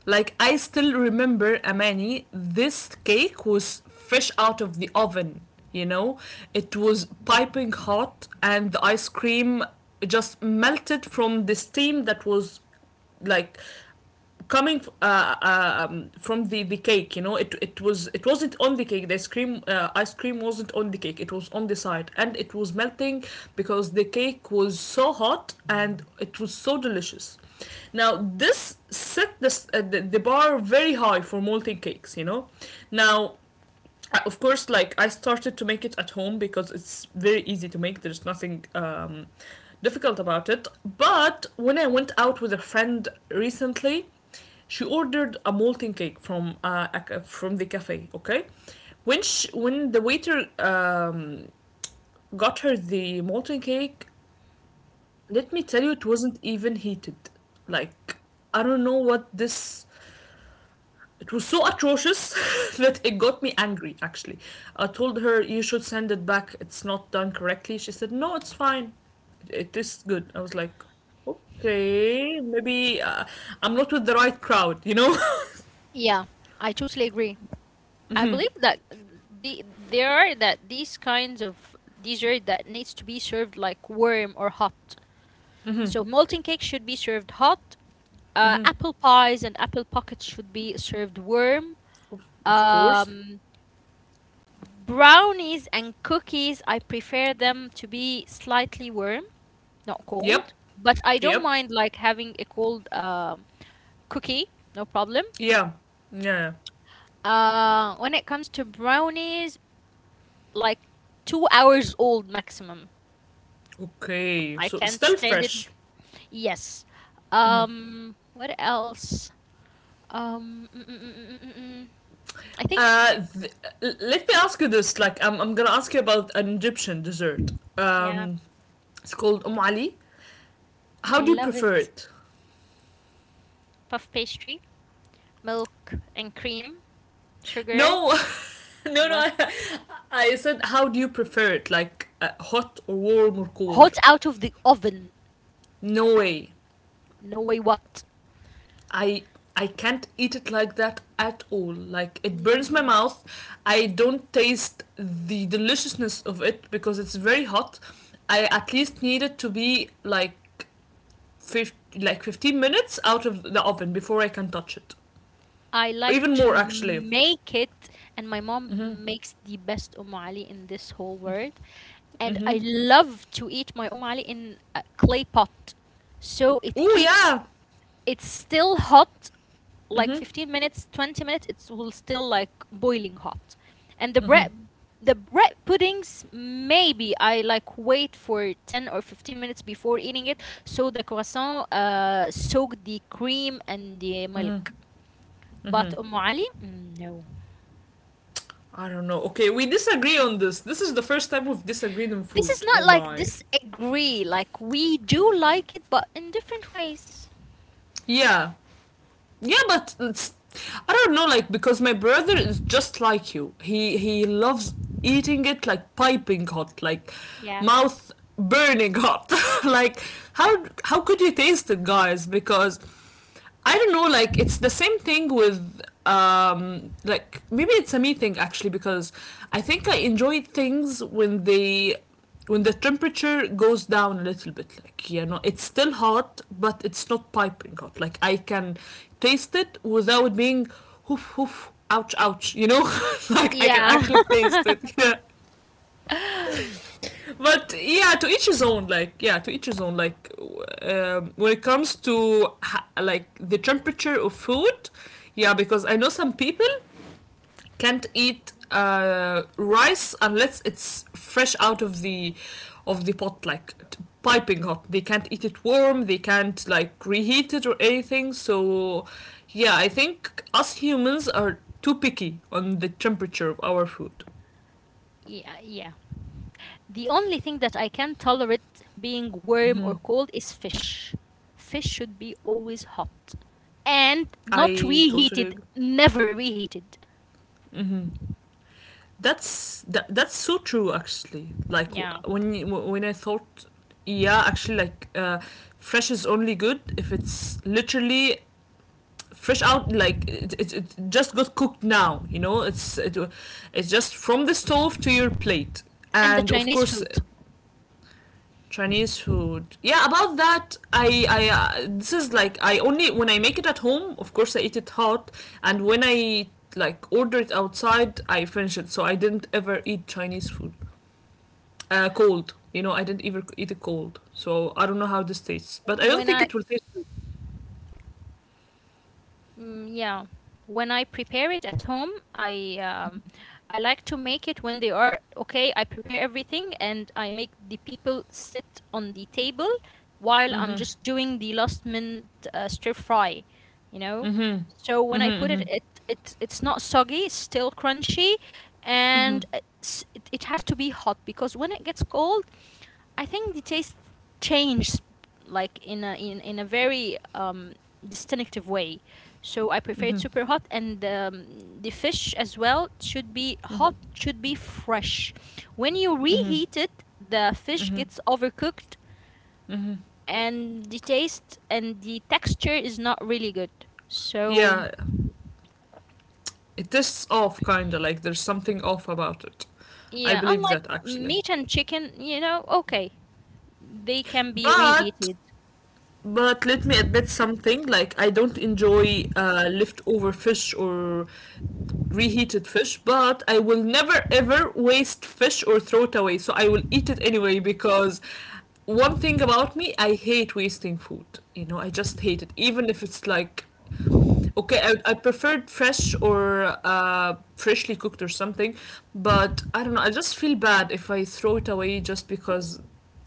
[SPEAKER 1] like I still remember, Amani, this cake was fresh out of the oven. You know, it was piping hot, and the ice cream just melted from the steam that was like coming from the cake. You know, it wasn't on the cake. The ice cream wasn't on the cake, it was on the side, and it was melting because the cake was so hot, and it was so delicious. Now this set the bar very high for molten cakes, you know. Now of course, like I started to make it at home because it's very easy to make. There's nothing difficult about it. But when I went out with a friend recently, she ordered a molten cake from from the cafe. Okay, when the waiter got her the molten cake, let me tell you, it wasn't even heated. Like I don't know what this it was so atrocious that it got me angry, actually. I told her, "You should send it back. It's not done correctly." She said, "No, it's fine." It is good. I was like, Okay, maybe I'm not with the right crowd, you know?
[SPEAKER 2] Yeah, I totally agree. I believe that these kinds of dessert that needs to be served like warm or hot.
[SPEAKER 1] Mm-hmm,
[SPEAKER 2] So molten cake should be served hot.
[SPEAKER 1] mm-hmm.
[SPEAKER 2] Apple pies and apple pockets should be served warm.
[SPEAKER 1] Of course.
[SPEAKER 2] Um, brownies and cookies, I prefer them to be slightly warm, not
[SPEAKER 1] Yep.
[SPEAKER 2] cold. But I don't
[SPEAKER 1] Yep.
[SPEAKER 2] mind like having a cold, cookie, no problem.
[SPEAKER 1] Yeah. Yeah, yeah.
[SPEAKER 2] When it comes to brownies, like 2 hours old maximum.
[SPEAKER 1] Okay.
[SPEAKER 2] I
[SPEAKER 1] So
[SPEAKER 2] can't
[SPEAKER 1] still
[SPEAKER 2] stand it.
[SPEAKER 1] fresh.
[SPEAKER 2] Yes. What else? Um, mm, mm, mm, mm, mm, mm. I think,
[SPEAKER 1] Uh, th- Let me ask you this. Like, I'm gonna ask you about an Egyptian dessert.
[SPEAKER 2] yeah,
[SPEAKER 1] Um, it's called Om Ali. How
[SPEAKER 2] I
[SPEAKER 1] do you
[SPEAKER 2] love
[SPEAKER 1] prefer
[SPEAKER 2] it.
[SPEAKER 1] it?
[SPEAKER 2] Puff pastry, milk and cream, sugar.
[SPEAKER 1] No, no, no.
[SPEAKER 2] What?
[SPEAKER 1] I, I said, how do you prefer it? Like hot or warm or cold?
[SPEAKER 2] Hot out of the oven.
[SPEAKER 1] No way.
[SPEAKER 2] No way what.
[SPEAKER 1] I I can't eat it like that at all. Like it burns my
[SPEAKER 2] Mm,
[SPEAKER 1] mouth. I don't taste the deliciousness of it because it's very hot. I at least need it to be like like 15 minutes out of the oven before I can touch it.
[SPEAKER 2] I like
[SPEAKER 1] Even more
[SPEAKER 2] to
[SPEAKER 1] actually.
[SPEAKER 2] make it, and my mom
[SPEAKER 1] Mhm.
[SPEAKER 2] makes the best Ali in this whole world. And
[SPEAKER 1] Mhm.
[SPEAKER 2] I love to eat my Ali in a clay pot. So it
[SPEAKER 1] Oh
[SPEAKER 2] keeps,
[SPEAKER 1] yeah.
[SPEAKER 2] it's still hot, like
[SPEAKER 1] Mhm.
[SPEAKER 2] 15 minutes, 20 minutes, it will still like boiling hot. And the
[SPEAKER 1] Mhm.
[SPEAKER 2] bread, the bread puddings maybe I like wait for 10 or 15 minutes before eating it so the croissant soak the cream and the milk. But ali, no.
[SPEAKER 1] I don't know. Okay, we disagree on this. This is the first time we've disagreed on
[SPEAKER 2] This is
[SPEAKER 1] food.
[SPEAKER 2] not
[SPEAKER 1] Oh
[SPEAKER 2] like
[SPEAKER 1] my.
[SPEAKER 2] disagree, like we do like it but in different ways.
[SPEAKER 1] Yeah. Yeah, but I don't know, like, because my brother is just like you. He loves eating it like piping hot, like
[SPEAKER 2] Yeah.
[SPEAKER 1] mouth burning hot. Like how could you taste it, guys? Because I don't know, like it's the same thing with like, maybe it's a me thing, actually, because I think I enjoy things when they when the temperature goes down a little bit, like, you know, it's still hot but it's not piping hot, like I can taste it without being hoof hoof ouch ouch, you know, like I can
[SPEAKER 2] Yeah.
[SPEAKER 1] actually taste it. Yeah. But yeah, to each his own, like, yeah, to each his own, like, when it comes to like the temperature of food, yeah, because I know some people can't eat rice unless it's fresh out of the pot, like piping hot. They can't eat it warm. They can't like reheat it or anything. So yeah, I think us humans are too picky on the temperature of our food.
[SPEAKER 2] Yeah, yeah. The only thing that I can tolerate being warm or cold is fish. Fish should be always hot and not
[SPEAKER 1] I totally
[SPEAKER 2] reheated,
[SPEAKER 1] agree.
[SPEAKER 2] never reheated.
[SPEAKER 1] That's so true, actually. Like
[SPEAKER 2] Yeah.
[SPEAKER 1] when I thought, yeah, actually, like fresh is only good if it's literally fresh out, like it just got cooked now, you know, it's just from the stove to your plate,
[SPEAKER 2] And the
[SPEAKER 1] and of
[SPEAKER 2] Chinese
[SPEAKER 1] course
[SPEAKER 2] food.
[SPEAKER 1] Chinese food. Yeah, about that, I, this is like, I only, when I make it at home, of course, I eat it hot, and when I like order it outside, I finish it, so I didn't ever eat Chinese food cold, you know. I didn't ever eat it cold, so I don't know how this tastes, but I don't
[SPEAKER 2] When
[SPEAKER 1] think
[SPEAKER 2] I
[SPEAKER 1] it will taste.
[SPEAKER 2] Mm, yeah. When I prepare it at home, I like to make it when they are okay. I prepare everything and I make the people sit on the table while I'm
[SPEAKER 1] Mm-hmm,
[SPEAKER 2] just doing the last minute stir fry, you know.
[SPEAKER 1] mm-hmm,
[SPEAKER 2] So when I put it,
[SPEAKER 1] mm-hmm,
[SPEAKER 2] it's it's not soggy, it's still crunchy, and it has to be hot because when it gets cold, I think the taste changed like in a very distinctive way. So I prefer it
[SPEAKER 1] mm-hmm,
[SPEAKER 2] super hot and the fish as well should be hot, should be fresh. When you
[SPEAKER 1] mm-hmm.
[SPEAKER 2] reheat it, the fish
[SPEAKER 1] Mm-hmm.
[SPEAKER 2] gets overcooked, and the taste and the texture is not really good. So
[SPEAKER 1] Yeah, it is off, kinda. Like, there's something off about it. I
[SPEAKER 2] yeah,
[SPEAKER 1] believe
[SPEAKER 2] unlike
[SPEAKER 1] that, actually.
[SPEAKER 2] meat and chicken, you know, okay, they can be
[SPEAKER 1] But,
[SPEAKER 2] reheated.
[SPEAKER 1] but let me admit something. Like, I don't enjoy leftover fish or reheated fish, but I will never ever waste fish or throw it away. So I will eat it anyway, because one thing about me, I hate wasting food. I just hate it. Even if it's like, okay, I preferred fresh or freshly cooked or something, but I don't know. I just feel bad if I throw it away just because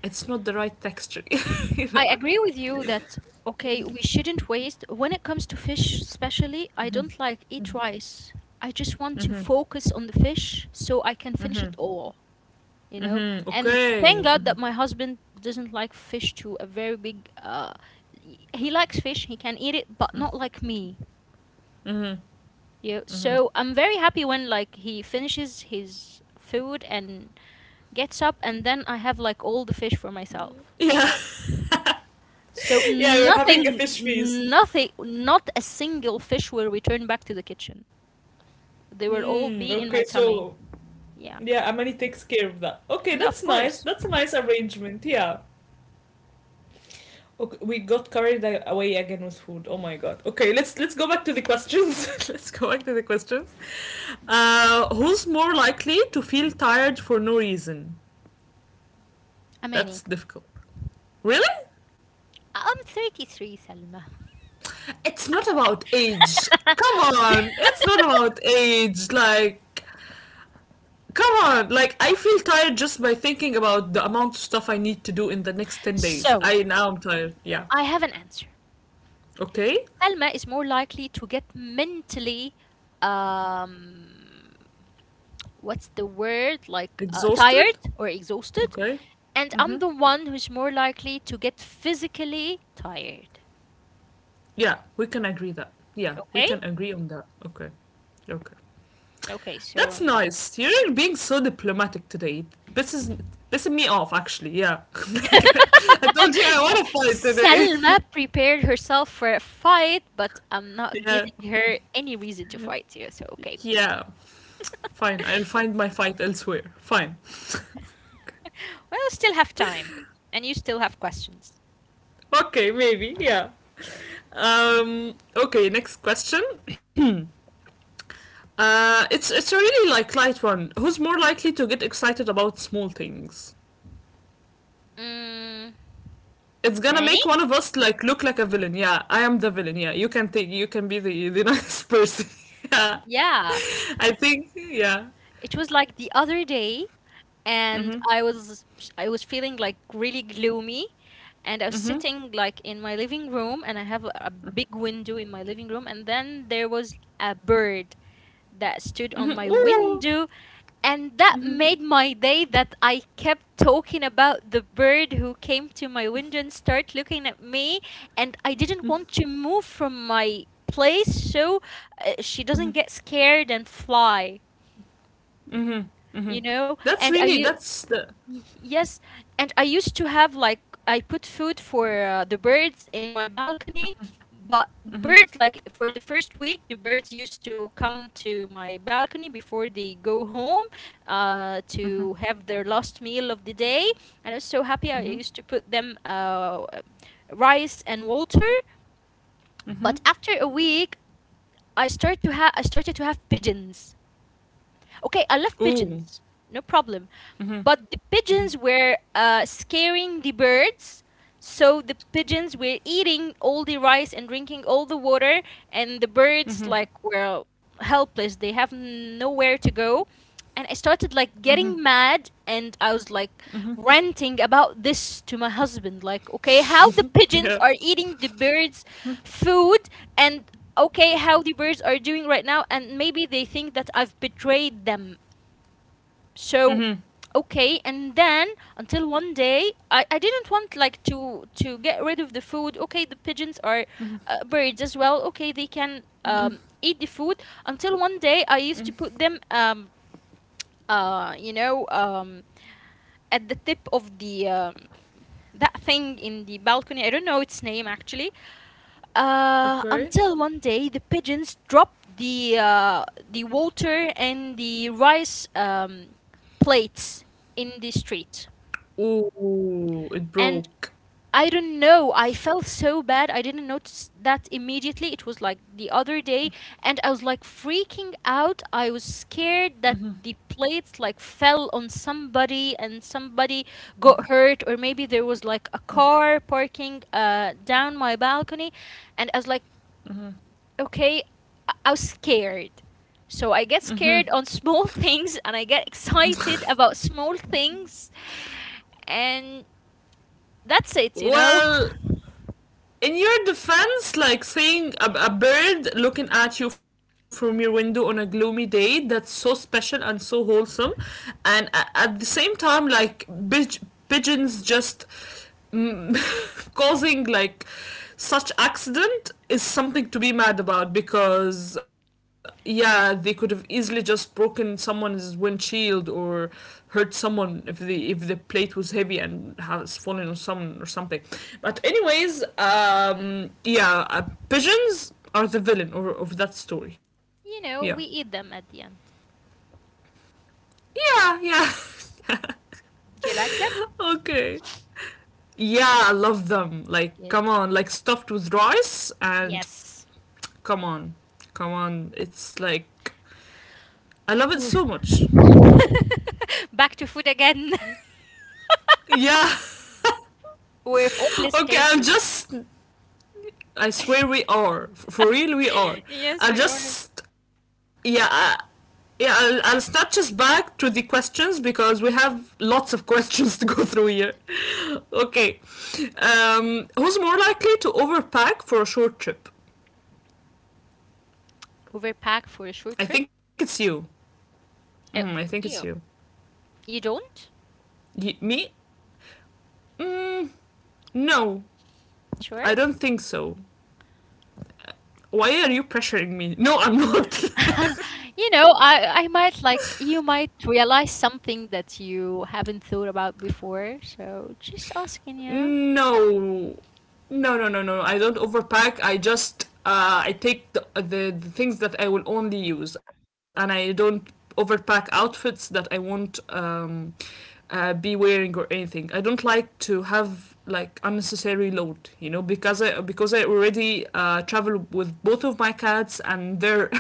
[SPEAKER 1] it's not the right texture, you
[SPEAKER 2] I
[SPEAKER 1] know?
[SPEAKER 2] agree with you that okay, we shouldn't waste. When it comes to fish, especially, I don't like eat rice. I just want to focus on the fish so I can finish
[SPEAKER 1] Mm-hmm.
[SPEAKER 2] it all, you know?
[SPEAKER 1] Mm-hmm.
[SPEAKER 2] And thank
[SPEAKER 1] Okay.
[SPEAKER 2] God that my husband doesn't like fish to a very big he likes fish, he can eat it, but not like me.
[SPEAKER 1] Mm-hmm.
[SPEAKER 2] Yeah.
[SPEAKER 1] Mm-hmm.
[SPEAKER 2] So I'm very happy when like he finishes his food and gets up and then I have like all the fish for myself.
[SPEAKER 1] Yeah,
[SPEAKER 2] So
[SPEAKER 1] yeah, we're having a
[SPEAKER 2] nothing,
[SPEAKER 1] fish feast.
[SPEAKER 2] nothing, not a single fish will return back to the kitchen. They will all
[SPEAKER 1] Mm,
[SPEAKER 2] be
[SPEAKER 1] okay,
[SPEAKER 2] in my
[SPEAKER 1] so
[SPEAKER 2] tummy. Yeah,
[SPEAKER 1] yeah, Amani takes care of that. Okay,
[SPEAKER 2] yeah, of
[SPEAKER 1] that's nice.
[SPEAKER 2] course.
[SPEAKER 1] That's a nice arrangement. Yeah. Okay, we got carried away again with food. Oh my god. Okay, let's go back to the questions. Let's go back to the questions. Who's more likely to feel tired for no reason? That's
[SPEAKER 2] Amani,
[SPEAKER 1] difficult. Really?
[SPEAKER 2] I'm 33, Salma.
[SPEAKER 1] It's not about age. Come on. It's not about age. Like come on. Like I feel tired just by thinking about the amount of stuff I need to do in the next 10 days.
[SPEAKER 2] So
[SPEAKER 1] I now I'm tired. Yeah.
[SPEAKER 2] I have an answer.
[SPEAKER 1] Okay.
[SPEAKER 2] Salma is more likely to get mentally, um, what's the word? Like tired
[SPEAKER 1] Exhausted.
[SPEAKER 2] or exhausted,
[SPEAKER 1] Okay.
[SPEAKER 2] and I'm
[SPEAKER 1] Mm-hmm.
[SPEAKER 2] the one who's more likely to get physically tired.
[SPEAKER 1] Yeah, we can agree that. Yeah, we
[SPEAKER 2] Okay.
[SPEAKER 1] can agree on that. Okay, okay.
[SPEAKER 2] Okay.
[SPEAKER 1] That's
[SPEAKER 2] So
[SPEAKER 1] nice. You're being so diplomatic today. This is pissing me off, actually. Yeah, like, I told you I want
[SPEAKER 2] Y-
[SPEAKER 1] to fight today.
[SPEAKER 2] Selma prepared herself for a fight, but I'm not
[SPEAKER 1] Yeah,
[SPEAKER 2] giving her any reason to fight you, so okay.
[SPEAKER 1] yeah. Fine, I'll find my fight elsewhere. Fine.
[SPEAKER 2] Well, we still have time, and you still have questions.
[SPEAKER 1] Okay, maybe. Yeah. Okay. Next question. It's a really like light one. Who's more likely to get excited about small things?
[SPEAKER 2] Mm,
[SPEAKER 1] It's gonna
[SPEAKER 2] many?
[SPEAKER 1] make one of us like look like a villain. Yeah, I am the villain. Yeah, you can take. You can be the nice person. Yeah,
[SPEAKER 2] Yeah,
[SPEAKER 1] I think. Yeah.
[SPEAKER 2] it was like the other day, and
[SPEAKER 1] Mhm.
[SPEAKER 2] I was feeling like really gloomy, and I was
[SPEAKER 1] Mhm.
[SPEAKER 2] sitting like in my living room, and I have a big window in my living room, and then there was a bird that stood
[SPEAKER 1] Mhm.
[SPEAKER 2] on my
[SPEAKER 1] Ooh.
[SPEAKER 2] window. And that
[SPEAKER 1] Mhm.
[SPEAKER 2] made my day that I kept talking about the bird who came to my window and started looking at me. And I didn't want to move from my place so she
[SPEAKER 1] Mhm.
[SPEAKER 2] doesn't get scared and fly,
[SPEAKER 1] Mhm. Mhm.
[SPEAKER 2] you know?
[SPEAKER 1] That's really. That's the.
[SPEAKER 2] Yes, and I used to have like I put food for the birds in my balcony, but the birds like for the first week the birds used to come to my balcony before they go home
[SPEAKER 1] Mhm.
[SPEAKER 2] to have their last meal of the day. And I was so happy I
[SPEAKER 1] Mhm.
[SPEAKER 2] used to put them rice and water, but
[SPEAKER 1] Mhm.
[SPEAKER 2] after a week I started to have pigeons. Okay, I love
[SPEAKER 1] Ooh.
[SPEAKER 2] pigeons, no problem.
[SPEAKER 1] Mhm.
[SPEAKER 2] But the pigeons were scaring the birds, so the pigeons were eating all the rice and drinking all the water, and the birds
[SPEAKER 1] Mhm.
[SPEAKER 2] like were helpless. They have nowhere to go. And I started like
[SPEAKER 1] Mhm.
[SPEAKER 2] getting mad, and I was like
[SPEAKER 1] Mhm.
[SPEAKER 2] ranting about this to my husband, like, okay, how the pigeons
[SPEAKER 1] Yeah.
[SPEAKER 2] are eating the birds' food, and okay how the birds are doing right now and maybe they think that I've betrayed them. So
[SPEAKER 1] Mhm.
[SPEAKER 2] okay and then until one day I didn't want like to get rid of the food, okay the pigeons are
[SPEAKER 1] Mhm.
[SPEAKER 2] birds as well, okay they can
[SPEAKER 1] Mhm.
[SPEAKER 2] eat the food. Until one day I used
[SPEAKER 1] Mhm.
[SPEAKER 2] to put them uh you know um at the tip of the, that thing in the balcony, I don't know its name actually. Uh,
[SPEAKER 1] Okay.
[SPEAKER 2] until one day, the pigeons dropped the, the water and the rice, plates in the street,
[SPEAKER 1] Ooh, it
[SPEAKER 2] and
[SPEAKER 1] broke.
[SPEAKER 2] I don't know. I felt so bad. I didn't notice that immediately. It was like the other day, and I was like freaking out. I was scared that
[SPEAKER 1] Mhm.
[SPEAKER 2] the plates like fell on somebody and somebody got hurt, or maybe there was like a car parking down my balcony. And I was like
[SPEAKER 1] Mhm.
[SPEAKER 2] okay, I was scared. So I get scared on small things and I get excited about small things, and that's it, you know?
[SPEAKER 1] Well, in your defense, like, seeing a bird looking at you from your window on a gloomy day, that's so special and so wholesome. And a- at the same time, like, pigeons just causing like such accident is something to be mad about, because yeah, they could have easily just broken someone's windshield or hurt someone if the plate was heavy and has fallen on someone or something. But anyways, um, yeah, pigeons are the villain or, of that story. Yeah.
[SPEAKER 2] You know, we eat them at the end.
[SPEAKER 1] Yeah. Yeah.
[SPEAKER 2] Do you like them?
[SPEAKER 1] Okay. Yeah, I love them. Like,
[SPEAKER 2] Good.
[SPEAKER 1] come on, like stuffed with rice and
[SPEAKER 2] Yes.
[SPEAKER 1] come on, come on. It's like I love it
[SPEAKER 2] Woo.
[SPEAKER 1] so much.
[SPEAKER 2] Back to food again.
[SPEAKER 1] Yeah.
[SPEAKER 2] We're hopeless
[SPEAKER 1] Okay, I'm
[SPEAKER 2] cases.
[SPEAKER 1] just. I swear we are for real. We are.
[SPEAKER 2] Yes,
[SPEAKER 1] I
[SPEAKER 2] we are.
[SPEAKER 1] just. Yeah. I, yeah, I'll snatch us back to the questions because we have lots of questions to go through here. Okay. Who's more likely to overpack for a short trip?
[SPEAKER 2] Overpack for a short
[SPEAKER 1] I
[SPEAKER 2] trip?
[SPEAKER 1] think it's you. Mm, I
[SPEAKER 2] Oh,
[SPEAKER 1] think it's you.
[SPEAKER 2] ew. You don't?
[SPEAKER 1] Me? Mm, no,
[SPEAKER 2] Sure.
[SPEAKER 1] I don't think so. Why are you pressuring me? No, I'm not.
[SPEAKER 2] You know, I might like you might realize something that you haven't thought about before. So just asking, you know.
[SPEAKER 1] No. No, no, no, no. I don't overpack. I just I take the things that I will only use, and I don't overpack outfits that I won't be wearing or anything. I don't like to have like unnecessary load, you know, because I, because I already travel with both of my cats, and they're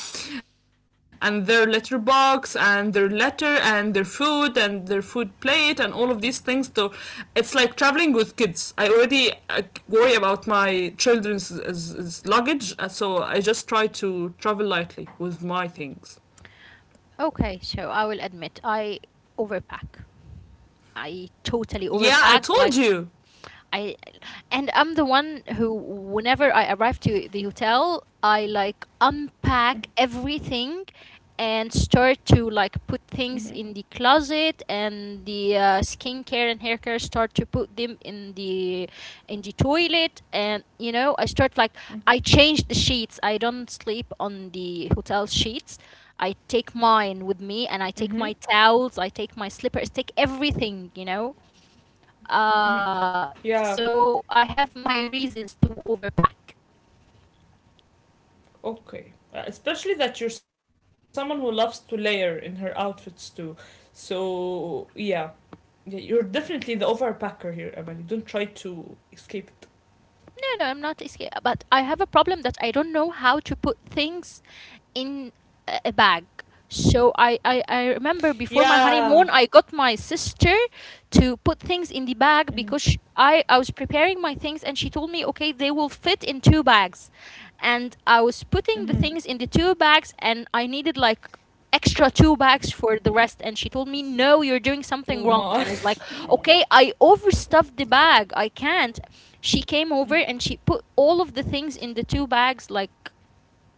[SPEAKER 1] and their letterbox and their letter and their food plate and all of these things, so it's like traveling with kids. I already worry about my children's luggage, so I just try to travel lightly with my things.
[SPEAKER 2] Okay, so I will admit I overpack. I totally
[SPEAKER 1] Yeah, I
[SPEAKER 2] overpack.
[SPEAKER 1] told
[SPEAKER 2] Like
[SPEAKER 1] you.
[SPEAKER 2] I And I'm the one who, whenever I arrive to the hotel, I like unpack everything and start to like put things in the closet and the, skincare and hair care start to put them in the, in the toilet, and you know I start like I change the sheets, I don't sleep on the hotel sheets, I take mine with me,
[SPEAKER 1] Mm-hmm.
[SPEAKER 2] and I take my towels, I take my slippers, take everything, you know.
[SPEAKER 1] Yeah.
[SPEAKER 2] So I have my reasons to overpack.
[SPEAKER 1] Okay. Especially that you're someone who loves to layer in her outfits too. So yeah, yeah, you're definitely the overpacker here, Amani. Don't try to escape it.
[SPEAKER 2] No, no, I'm not escape, but I have a problem that I don't know how to put things in a bag. So I remember before my
[SPEAKER 1] Yeah.
[SPEAKER 2] honeymoon, I got my sister to put things in the bag
[SPEAKER 1] Mm-hmm.
[SPEAKER 2] because I was preparing my things and she told me, okay, they will fit in two bags. And I was putting the
[SPEAKER 1] Mm-hmm.
[SPEAKER 2] things in the two bags and I needed like extra two bags for the rest. And she told me, no, you're doing
[SPEAKER 1] Oh
[SPEAKER 2] something
[SPEAKER 1] my.
[SPEAKER 2] wrong. And I was like, okay, I overstuffed the bag. I can't. She came over and she put all of the things in the two bags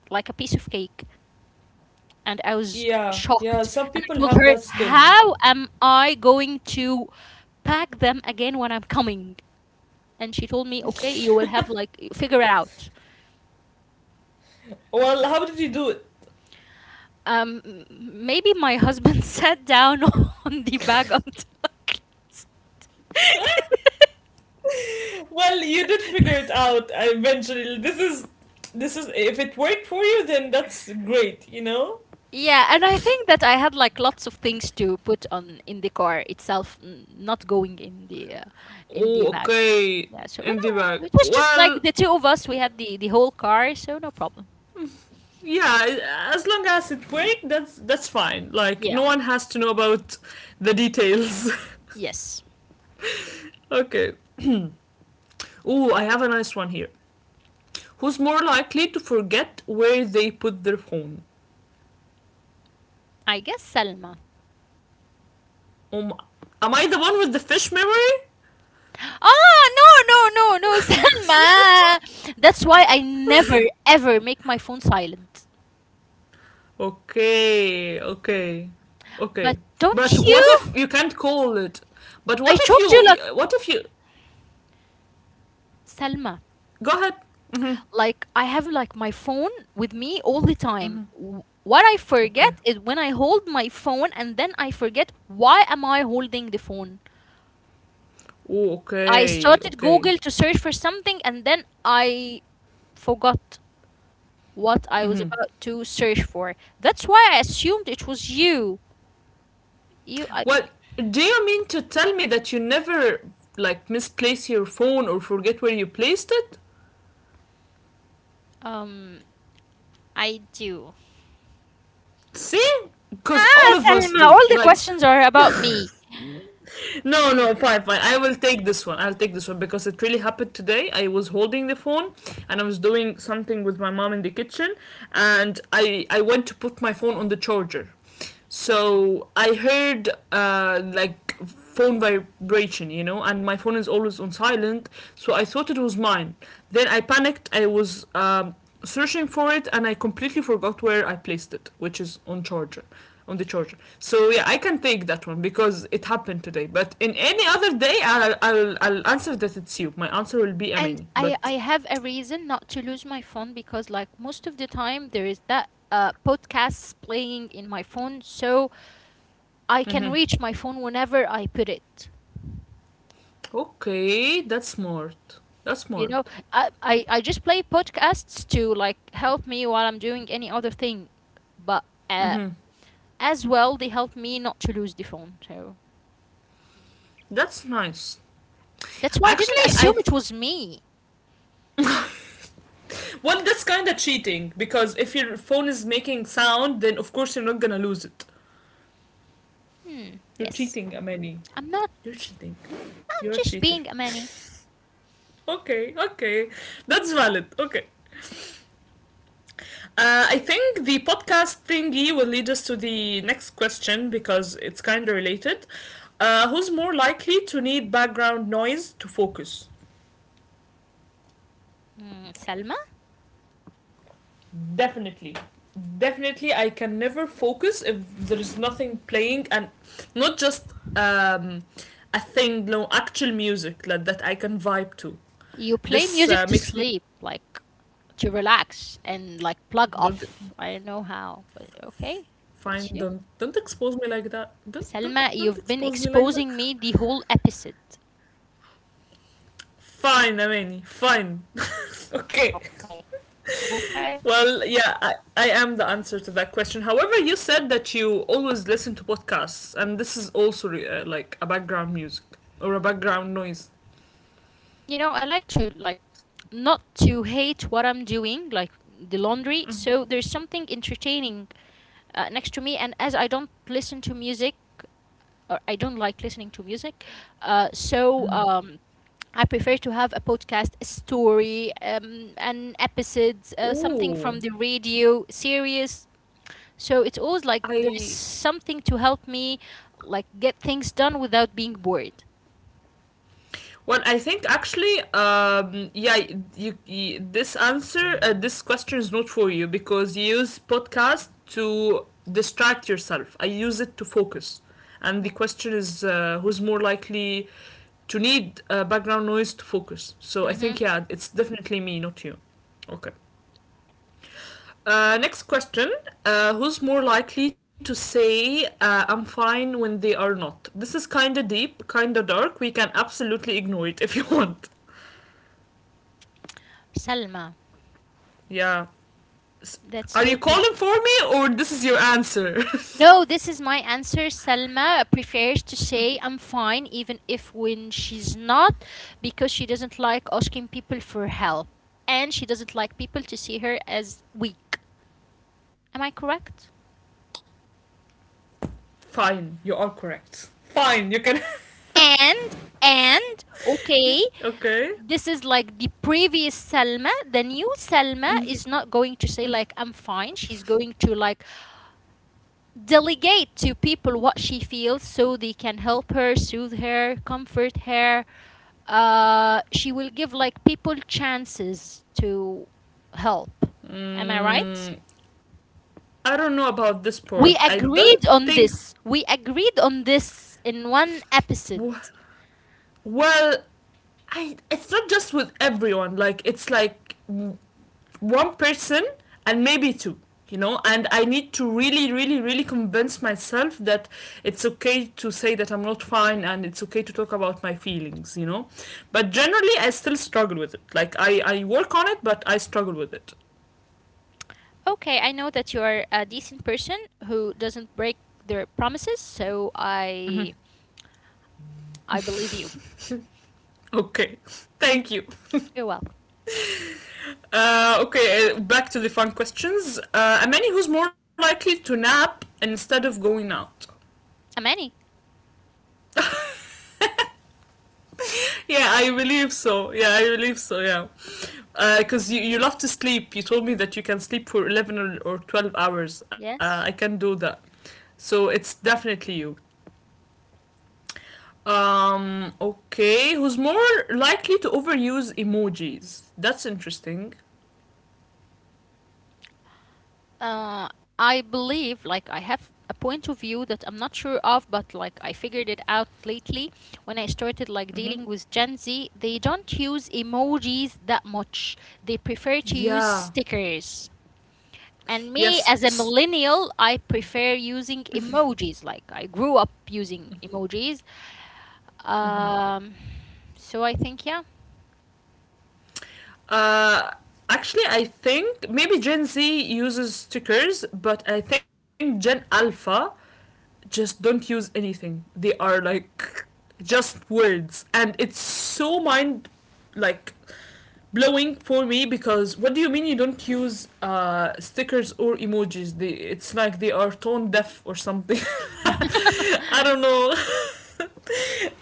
[SPEAKER 2] like a piece of cake and I was
[SPEAKER 1] Yeah, yeah,
[SPEAKER 2] shocked.
[SPEAKER 1] some
[SPEAKER 2] And I
[SPEAKER 1] people
[SPEAKER 2] told
[SPEAKER 1] have
[SPEAKER 2] her,
[SPEAKER 1] that skill.
[SPEAKER 2] how am I going to pack them again when I'm coming? And she told me, "Okay, you will have like, figure it out."
[SPEAKER 1] Well, how did you do it?
[SPEAKER 2] Maybe my husband sat down on the bag until I closed.
[SPEAKER 1] Well, you did figure it out eventually. This is If it worked for you, then that's great, you know?
[SPEAKER 2] Yeah, and I think that I had like lots of things to put on in the car itself, not going in the in the
[SPEAKER 1] Oh,
[SPEAKER 2] bags.
[SPEAKER 1] okay.
[SPEAKER 2] Yeah, so but
[SPEAKER 1] In the
[SPEAKER 2] all right,
[SPEAKER 1] bag.
[SPEAKER 2] it was just like
[SPEAKER 1] Well,
[SPEAKER 2] the two of us. We had the whole car, so no problem.
[SPEAKER 1] yeah, as long as it worked, that's fine. Like
[SPEAKER 2] Yeah.
[SPEAKER 1] no one has to know about the details.
[SPEAKER 2] Yes.
[SPEAKER 1] Okay. Oh, I have a nice one here. Who's more likely to forget where they put their phone?
[SPEAKER 2] I guess Selma.
[SPEAKER 1] Um, am I the one with the fish memory?
[SPEAKER 2] Ah, no, no, no, no, Selma. That's why I never ever make my phone silent.
[SPEAKER 1] Okay, okay,
[SPEAKER 2] But
[SPEAKER 1] okay.
[SPEAKER 2] don't
[SPEAKER 1] But what
[SPEAKER 2] you?
[SPEAKER 1] if you can't call it? But
[SPEAKER 2] I
[SPEAKER 1] what if
[SPEAKER 2] told you,
[SPEAKER 1] you?
[SPEAKER 2] like,
[SPEAKER 1] What if you?
[SPEAKER 2] Selma,
[SPEAKER 1] Go ahead. Mm-hmm.
[SPEAKER 2] like, I have, like, my phone with me all the time. What I forget
[SPEAKER 1] Okay.
[SPEAKER 2] is when I hold my phone and then I forget why am I holding the phone.
[SPEAKER 1] Oh,
[SPEAKER 2] I
[SPEAKER 1] okay,
[SPEAKER 2] started
[SPEAKER 1] okay.
[SPEAKER 2] Google to search for something and then I forgot what I was about to search for. That's why I assumed it was you. You,
[SPEAKER 1] Well, do you mean to tell me that you never like misplace your phone or forget where you placed it?
[SPEAKER 2] um, I do.
[SPEAKER 1] See, because all
[SPEAKER 2] Ah,
[SPEAKER 1] of us
[SPEAKER 2] Salma,
[SPEAKER 1] do.
[SPEAKER 2] all the
[SPEAKER 1] Like
[SPEAKER 2] questions are about me.
[SPEAKER 1] no, no,
[SPEAKER 2] Mm.
[SPEAKER 1] fine, fine. I will take this one. I'll take this one because it really happened today. I was holding the phone and I was doing something with my mom in the kitchen, and I went to put my phone on the charger. So I heard like phone vibration, you know, and my phone is always on silent, so I thought it was mine. Then I panicked. I was searching for it and I completely forgot where I placed it, which is on charger, on the charger. So yeah, I can take that one because it happened today. But in any other day, I'll answer that it's you. My answer will be
[SPEAKER 2] And
[SPEAKER 1] Amani.
[SPEAKER 2] I
[SPEAKER 1] But
[SPEAKER 2] have a reason not to lose my phone because, like, most of the time there is that podcasts playing in my phone, so I can reach my phone whenever I put it.
[SPEAKER 1] okay, that's smart. That's
[SPEAKER 2] You know,
[SPEAKER 1] smart.
[SPEAKER 2] I just play podcasts to like help me while I'm doing any other thing. But uh, as well, they helped me not to lose the phone. So
[SPEAKER 1] That's nice.
[SPEAKER 2] that's why I didn't
[SPEAKER 1] Actually,
[SPEAKER 2] assume
[SPEAKER 1] I,
[SPEAKER 2] it was me.
[SPEAKER 1] well, that's kind of cheating, because if your phone is making sound, then of course you're not gonna lose it.
[SPEAKER 2] Hmm.
[SPEAKER 1] You're
[SPEAKER 2] Yes.
[SPEAKER 1] cheating, Amani.
[SPEAKER 2] I'm not.
[SPEAKER 1] You're cheating.
[SPEAKER 2] I'm
[SPEAKER 1] You're a
[SPEAKER 2] just
[SPEAKER 1] cheater.
[SPEAKER 2] being a manny.
[SPEAKER 1] Okay, okay, that's valid. Okay. I think the podcast thingy will lead us to the next question because it's kind of related. Who's more likely to need background noise to focus?
[SPEAKER 2] Hmm, Salma,
[SPEAKER 1] Definitely. Definitely, I can never focus if there is nothing playing, and not just a thing, no actual music like, that I can vibe to.
[SPEAKER 2] you play
[SPEAKER 1] This
[SPEAKER 2] music to
[SPEAKER 1] makes me
[SPEAKER 2] sleep, like to relax and like plug
[SPEAKER 1] don't
[SPEAKER 2] off. I don't know how, but okay,
[SPEAKER 1] fine.
[SPEAKER 2] that's you.
[SPEAKER 1] Don't expose me like that. Don't don't
[SPEAKER 2] Salma,
[SPEAKER 1] don't
[SPEAKER 2] you've been
[SPEAKER 1] expose me like that.
[SPEAKER 2] exposing me the whole episode.
[SPEAKER 1] Fine, I mean, fine. Okay.
[SPEAKER 2] Okay, okay.
[SPEAKER 1] Well, yeah, I am the answer to that question. However, you said that you always listen to podcasts, and this is also like a background music or a background noise.
[SPEAKER 2] You know, I like to like not to hate what I'm doing, like the laundry. So there's something entertaining next to me. And as I don't listen to music, or I don't like listening to music, uh, so um, I prefer to have a podcast, a story, an episode, something
[SPEAKER 1] Ooh,
[SPEAKER 2] from the radio, series. So it's always like there is
[SPEAKER 1] I.
[SPEAKER 2] something to help me, like get things done without being bored.
[SPEAKER 1] Well, I think actually, yeah, this answer, this question is not for you because you use podcast to distract yourself. I use it to focus, and the question is who's more likely to need background noise to focus. So I think
[SPEAKER 2] Mm-hmm.
[SPEAKER 1] yeah, it's definitely me, not you. Okay. Next question. Who's more likely to say I'm fine when they are not? This is kinda deep, kinda dark. We can absolutely ignore it if you want.
[SPEAKER 2] Salma,
[SPEAKER 1] Yeah.
[SPEAKER 2] that's
[SPEAKER 1] Are you
[SPEAKER 2] total.
[SPEAKER 1] calling for me or this is your answer?
[SPEAKER 2] No, this is my answer. Salma prefers to say I'm fine, even if when she's not, because she doesn't like asking people for help. And she doesn't like people to see her as weak. Am I correct?
[SPEAKER 1] Fine, you are correct. Fine, you can.
[SPEAKER 2] Okay,
[SPEAKER 1] Okay.
[SPEAKER 2] this is like the previous Selma. The new Selma is not going to say, like, I'm fine. She's going to, like, delegate to people what she feels so they can help her, soothe her, comfort her, she will give like people chances to help. Am I right?
[SPEAKER 1] Mm, I don't know about this
[SPEAKER 2] We
[SPEAKER 1] part. I don't
[SPEAKER 2] agreed on
[SPEAKER 1] think.
[SPEAKER 2] this. We agreed on this in one episode.
[SPEAKER 1] Well, I. It's not just with everyone. Like it's like one person and maybe two. And I need to really really really convince myself that it's okay to say that I'm not fine and it's okay to talk about my feelings. But generally I still struggle with it, like I work on it but I struggle with it.
[SPEAKER 2] Okay, I know that you are a decent person who doesn't break their promises, so I believe you.
[SPEAKER 1] Okay. Thank you.
[SPEAKER 2] You're welcome.
[SPEAKER 1] Okay, back to the fun questions. A man who's more likely to nap instead of going out?
[SPEAKER 2] Amani.
[SPEAKER 1] Yeah, I believe so. Yeah, because you love to sleep. You told me that you can sleep for 11 or, 12 hours. I
[SPEAKER 2] Yes.
[SPEAKER 1] can do that. So it's definitely you. Okay. Who's more likely to overuse emojis? That's interesting.
[SPEAKER 2] Uh, I believe, like, I have a point of view that I'm not sure of, but like, I figured it out lately when I started like dealing with Gen Z. They don't use emojis that much, they prefer to use
[SPEAKER 1] Yeah.
[SPEAKER 2] stickers. And me, as a
[SPEAKER 1] Yes.
[SPEAKER 2] millennial, I prefer using emojis. Like, I grew up using emojis. Um, so I think, yeah,
[SPEAKER 1] Uh, Actually, I think maybe Gen Z uses stickers, but I think Gen Alpha just don't use anything. They are like just words, and it's so mind, like, blowing for me because what do you mean you don't use stickers or emojis? It's like they are tone deaf or something. I don't know.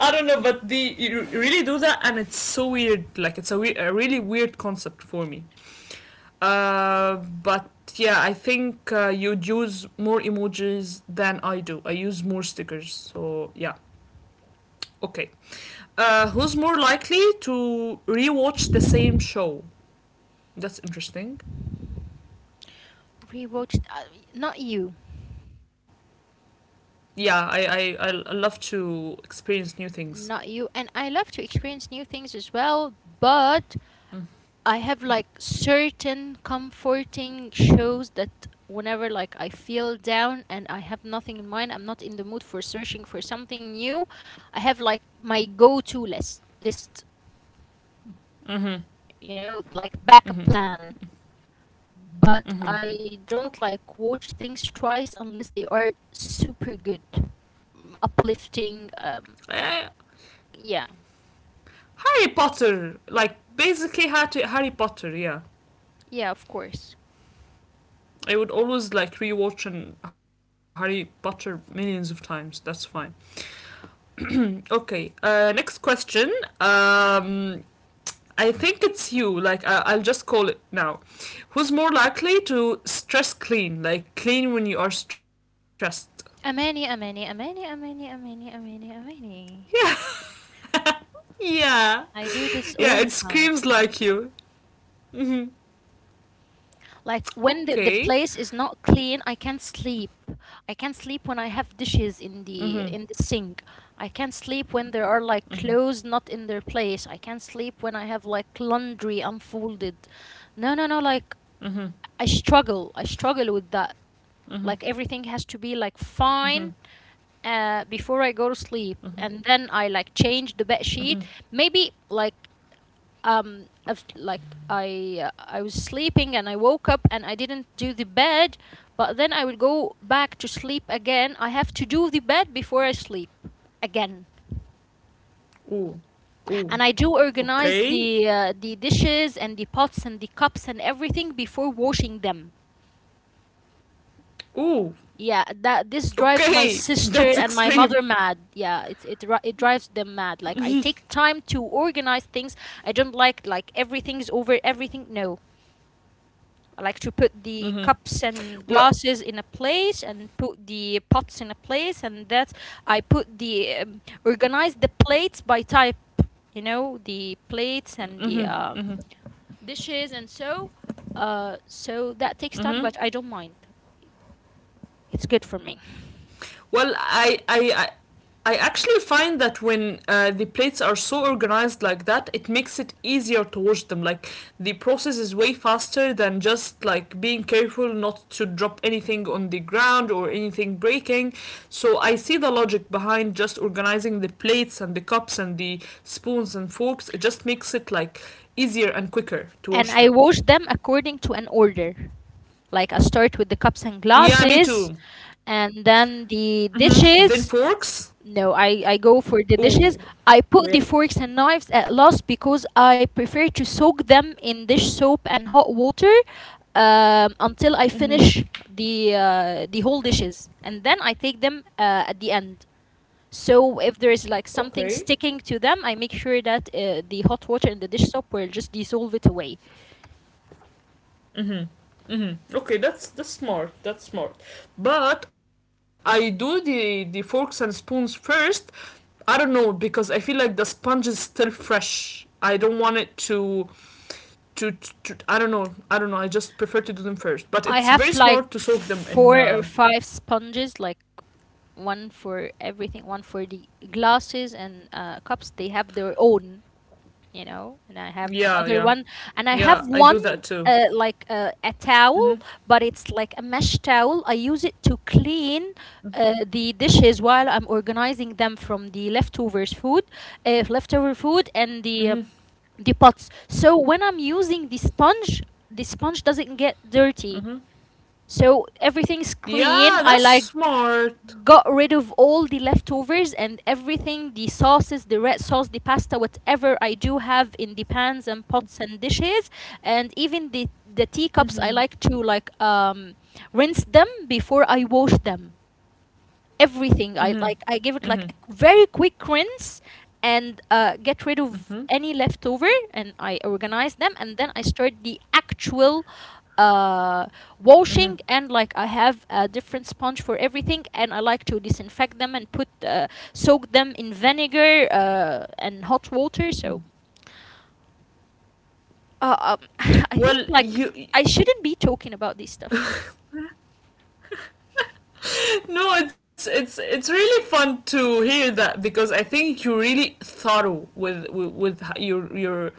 [SPEAKER 1] I don't know, but they you really do that, and it's so weird. Like it's a, a really weird concept for me. Uh, but yeah, I think you'd use more emojis than I do. I use more stickers. So yeah, okay. Who's more likely to rewatch the same show? That's interesting.
[SPEAKER 2] rewatched. Not you,
[SPEAKER 1] Yeah, I love to experience new things.
[SPEAKER 2] not you. And I love to experience new things as well, but I have like certain comforting shows that whenever like I feel down and I have nothing in mind, I'm not in the mood for searching for something new. I have like my go-to list,
[SPEAKER 1] Mm-hmm.
[SPEAKER 2] you know, like backup plan. But I don't
[SPEAKER 1] Okay.
[SPEAKER 2] like watch things twice unless they are super good, uplifting.
[SPEAKER 1] Uh,
[SPEAKER 2] Yeah,
[SPEAKER 1] Harry Potter, like basically had Harry Potter, yeah.
[SPEAKER 2] yeah, of course.
[SPEAKER 1] I would always like rewatch and Harry Potter millions of times. That's fine. Okay. Next question. Um, I think it's you. Like I'll just call it now. Who's more likely to stress clean? Like clean when you are stressed.
[SPEAKER 2] Amani, Amani, Amani, Amani, Amani, Amani,
[SPEAKER 1] Yeah.
[SPEAKER 2] Amani.
[SPEAKER 1] Yeah.
[SPEAKER 2] I do this
[SPEAKER 1] Yeah. It
[SPEAKER 2] all the
[SPEAKER 1] screams
[SPEAKER 2] time.
[SPEAKER 1] like you. Hmm.
[SPEAKER 2] Like when the
[SPEAKER 1] Okay.
[SPEAKER 2] place is not clean, I can't sleep. I can't sleep when I have dishes in
[SPEAKER 1] Mm-hmm.
[SPEAKER 2] the sink. I can't sleep when there are like
[SPEAKER 1] Mm-hmm.
[SPEAKER 2] clothes not in their place. I can't sleep when I have like laundry unfolded. No, no, no, like
[SPEAKER 1] Mm-hmm.
[SPEAKER 2] I struggle. I struggle with that. Like
[SPEAKER 1] Mm-hmm.
[SPEAKER 2] everything has to be like
[SPEAKER 1] Mm-hmm.
[SPEAKER 2] fine before I go to sleep, and then I like change the bed sheet.
[SPEAKER 1] Mm-hmm.
[SPEAKER 2] Maybe like um I've, like I was sleeping and I woke up and I didn't do the bed, but then I will go back to sleep again. I have to do the bed before I sleep again.
[SPEAKER 1] Ooh,
[SPEAKER 2] And I
[SPEAKER 1] ooh,
[SPEAKER 2] do organize the
[SPEAKER 1] okay,
[SPEAKER 2] the dishes and the pots and the cups and everything before washing them. Yeah,
[SPEAKER 1] ooh,
[SPEAKER 2] that this drives my
[SPEAKER 1] okay.
[SPEAKER 2] sister
[SPEAKER 1] That's
[SPEAKER 2] and my mother
[SPEAKER 1] extreme.
[SPEAKER 2] mad. Yeah, it drives them mad, like I take time to organize things. I don't like everything's over everything, no. I like to put the cups and glasses in a
[SPEAKER 1] What?
[SPEAKER 2] place and put the pots in a place and that I put the organize the plates by type, you know, the plates and the dishes and so so that takes time, but I don't mind. It's good for me.
[SPEAKER 1] Well, I actually find that when the plates are so organized like that, it makes it easier to wash them. Like the process is way faster than just like being careful not to drop anything on the ground or anything breaking. So I see the logic behind just organizing the plates and the cups and the spoons and forks. It just makes it like easier and quicker
[SPEAKER 2] And I
[SPEAKER 1] to wash
[SPEAKER 2] wash
[SPEAKER 1] them.
[SPEAKER 2] them according to an order, like I start with the cups and
[SPEAKER 1] Yeah,
[SPEAKER 2] glasses
[SPEAKER 1] me too.
[SPEAKER 2] and then the
[SPEAKER 1] Hmm. Then
[SPEAKER 2] dishes.
[SPEAKER 1] forks.
[SPEAKER 2] No, I go for the
[SPEAKER 1] Ooh.
[SPEAKER 2] dishes. I put
[SPEAKER 1] Yeah.
[SPEAKER 2] the forks and knives at last because I prefer to soak them in dish soap and hot water until I finish the the whole dishes, and then I take them at the end. So if there is like something
[SPEAKER 1] Okay.
[SPEAKER 2] sticking to them, I make sure that the hot water and the dish soap will just dissolve it away.
[SPEAKER 1] Mm-hmm. Okay, that's smart. That's smart. But I do the forks and spoons first. I don't know because I feel like the sponge is still fresh. I don't want it to, to, I don't know. I don't know. I just prefer to do them first. But
[SPEAKER 2] I
[SPEAKER 1] it's
[SPEAKER 2] have
[SPEAKER 1] very
[SPEAKER 2] like
[SPEAKER 1] smart to soak them
[SPEAKER 2] four
[SPEAKER 1] in.
[SPEAKER 2] or five sponges, like one for everything, one for the glasses and cups. They have their own, you know. And I have
[SPEAKER 1] Yeah,
[SPEAKER 2] another
[SPEAKER 1] yeah,
[SPEAKER 2] one, and I have
[SPEAKER 1] yeah. I
[SPEAKER 2] one
[SPEAKER 1] do that too.
[SPEAKER 2] a towel,
[SPEAKER 1] Mm-hmm.
[SPEAKER 2] but it's like a mesh towel. I use it to clean. The dishes while I'm organizing them from the leftovers food, leftover food and the
[SPEAKER 1] Mm-hmm.
[SPEAKER 2] the pots. So when I'm using the sponge doesn't get dirty.
[SPEAKER 1] Mm-hmm.
[SPEAKER 2] So everything's clean.
[SPEAKER 1] Yeah,
[SPEAKER 2] I
[SPEAKER 1] that's
[SPEAKER 2] like
[SPEAKER 1] smart.
[SPEAKER 2] got rid of all the leftovers and everything, the sauces, the red sauce, the pasta, whatever I do have in the pans and pots and dishes. And even the teacups I
[SPEAKER 1] Mm-hmm.
[SPEAKER 2] like to like rinse them before I wash them, everything. I
[SPEAKER 1] Mm-hmm.
[SPEAKER 2] like, I give it like
[SPEAKER 1] Mm-hmm.
[SPEAKER 2] a very quick rinse and get rid of
[SPEAKER 1] Mm-hmm.
[SPEAKER 2] any leftover, and I organize them, and then I start the actual uh
[SPEAKER 1] Mm-hmm.
[SPEAKER 2] washing. And like I have a different sponge for everything and I like to disinfect them and put soak them in vinegar and hot water.
[SPEAKER 1] Mm-hmm.
[SPEAKER 2] So uh, um, I think
[SPEAKER 1] Well,
[SPEAKER 2] like
[SPEAKER 1] you.
[SPEAKER 2] I shouldn't be talking about this stuff.
[SPEAKER 1] No, it's really fun to hear that because I think you're really thorough with with your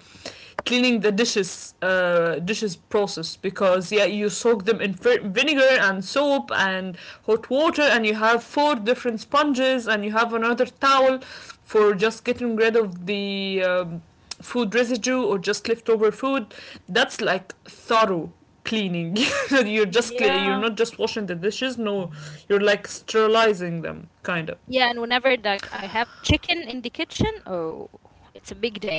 [SPEAKER 1] cleaning the dishes, dishes process, because yeah, you soak them in vinegar and soap and hot water, and you have four different sponges, and you have another towel for just getting rid of the food residue or just leftover food. That's like thorough cleaning. You're just clear,
[SPEAKER 2] Yeah.
[SPEAKER 1] you're not just washing the dishes, no, you're like sterilizing them, kind of.
[SPEAKER 2] Yeah, and whenever like I have chicken in the kitchen, oh, it's a big day.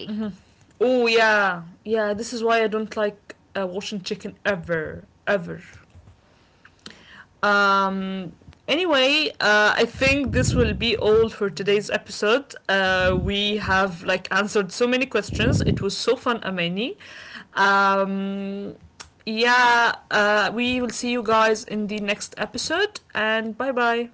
[SPEAKER 1] Oh yeah, yeah. This is why I don't like washing chicken ever, ever. Um. Anyway, I think this will be all for today's episode. We have like answered so many questions. It was so fun, Amani. Um, yeah, we will see you guys in the next episode, and bye bye.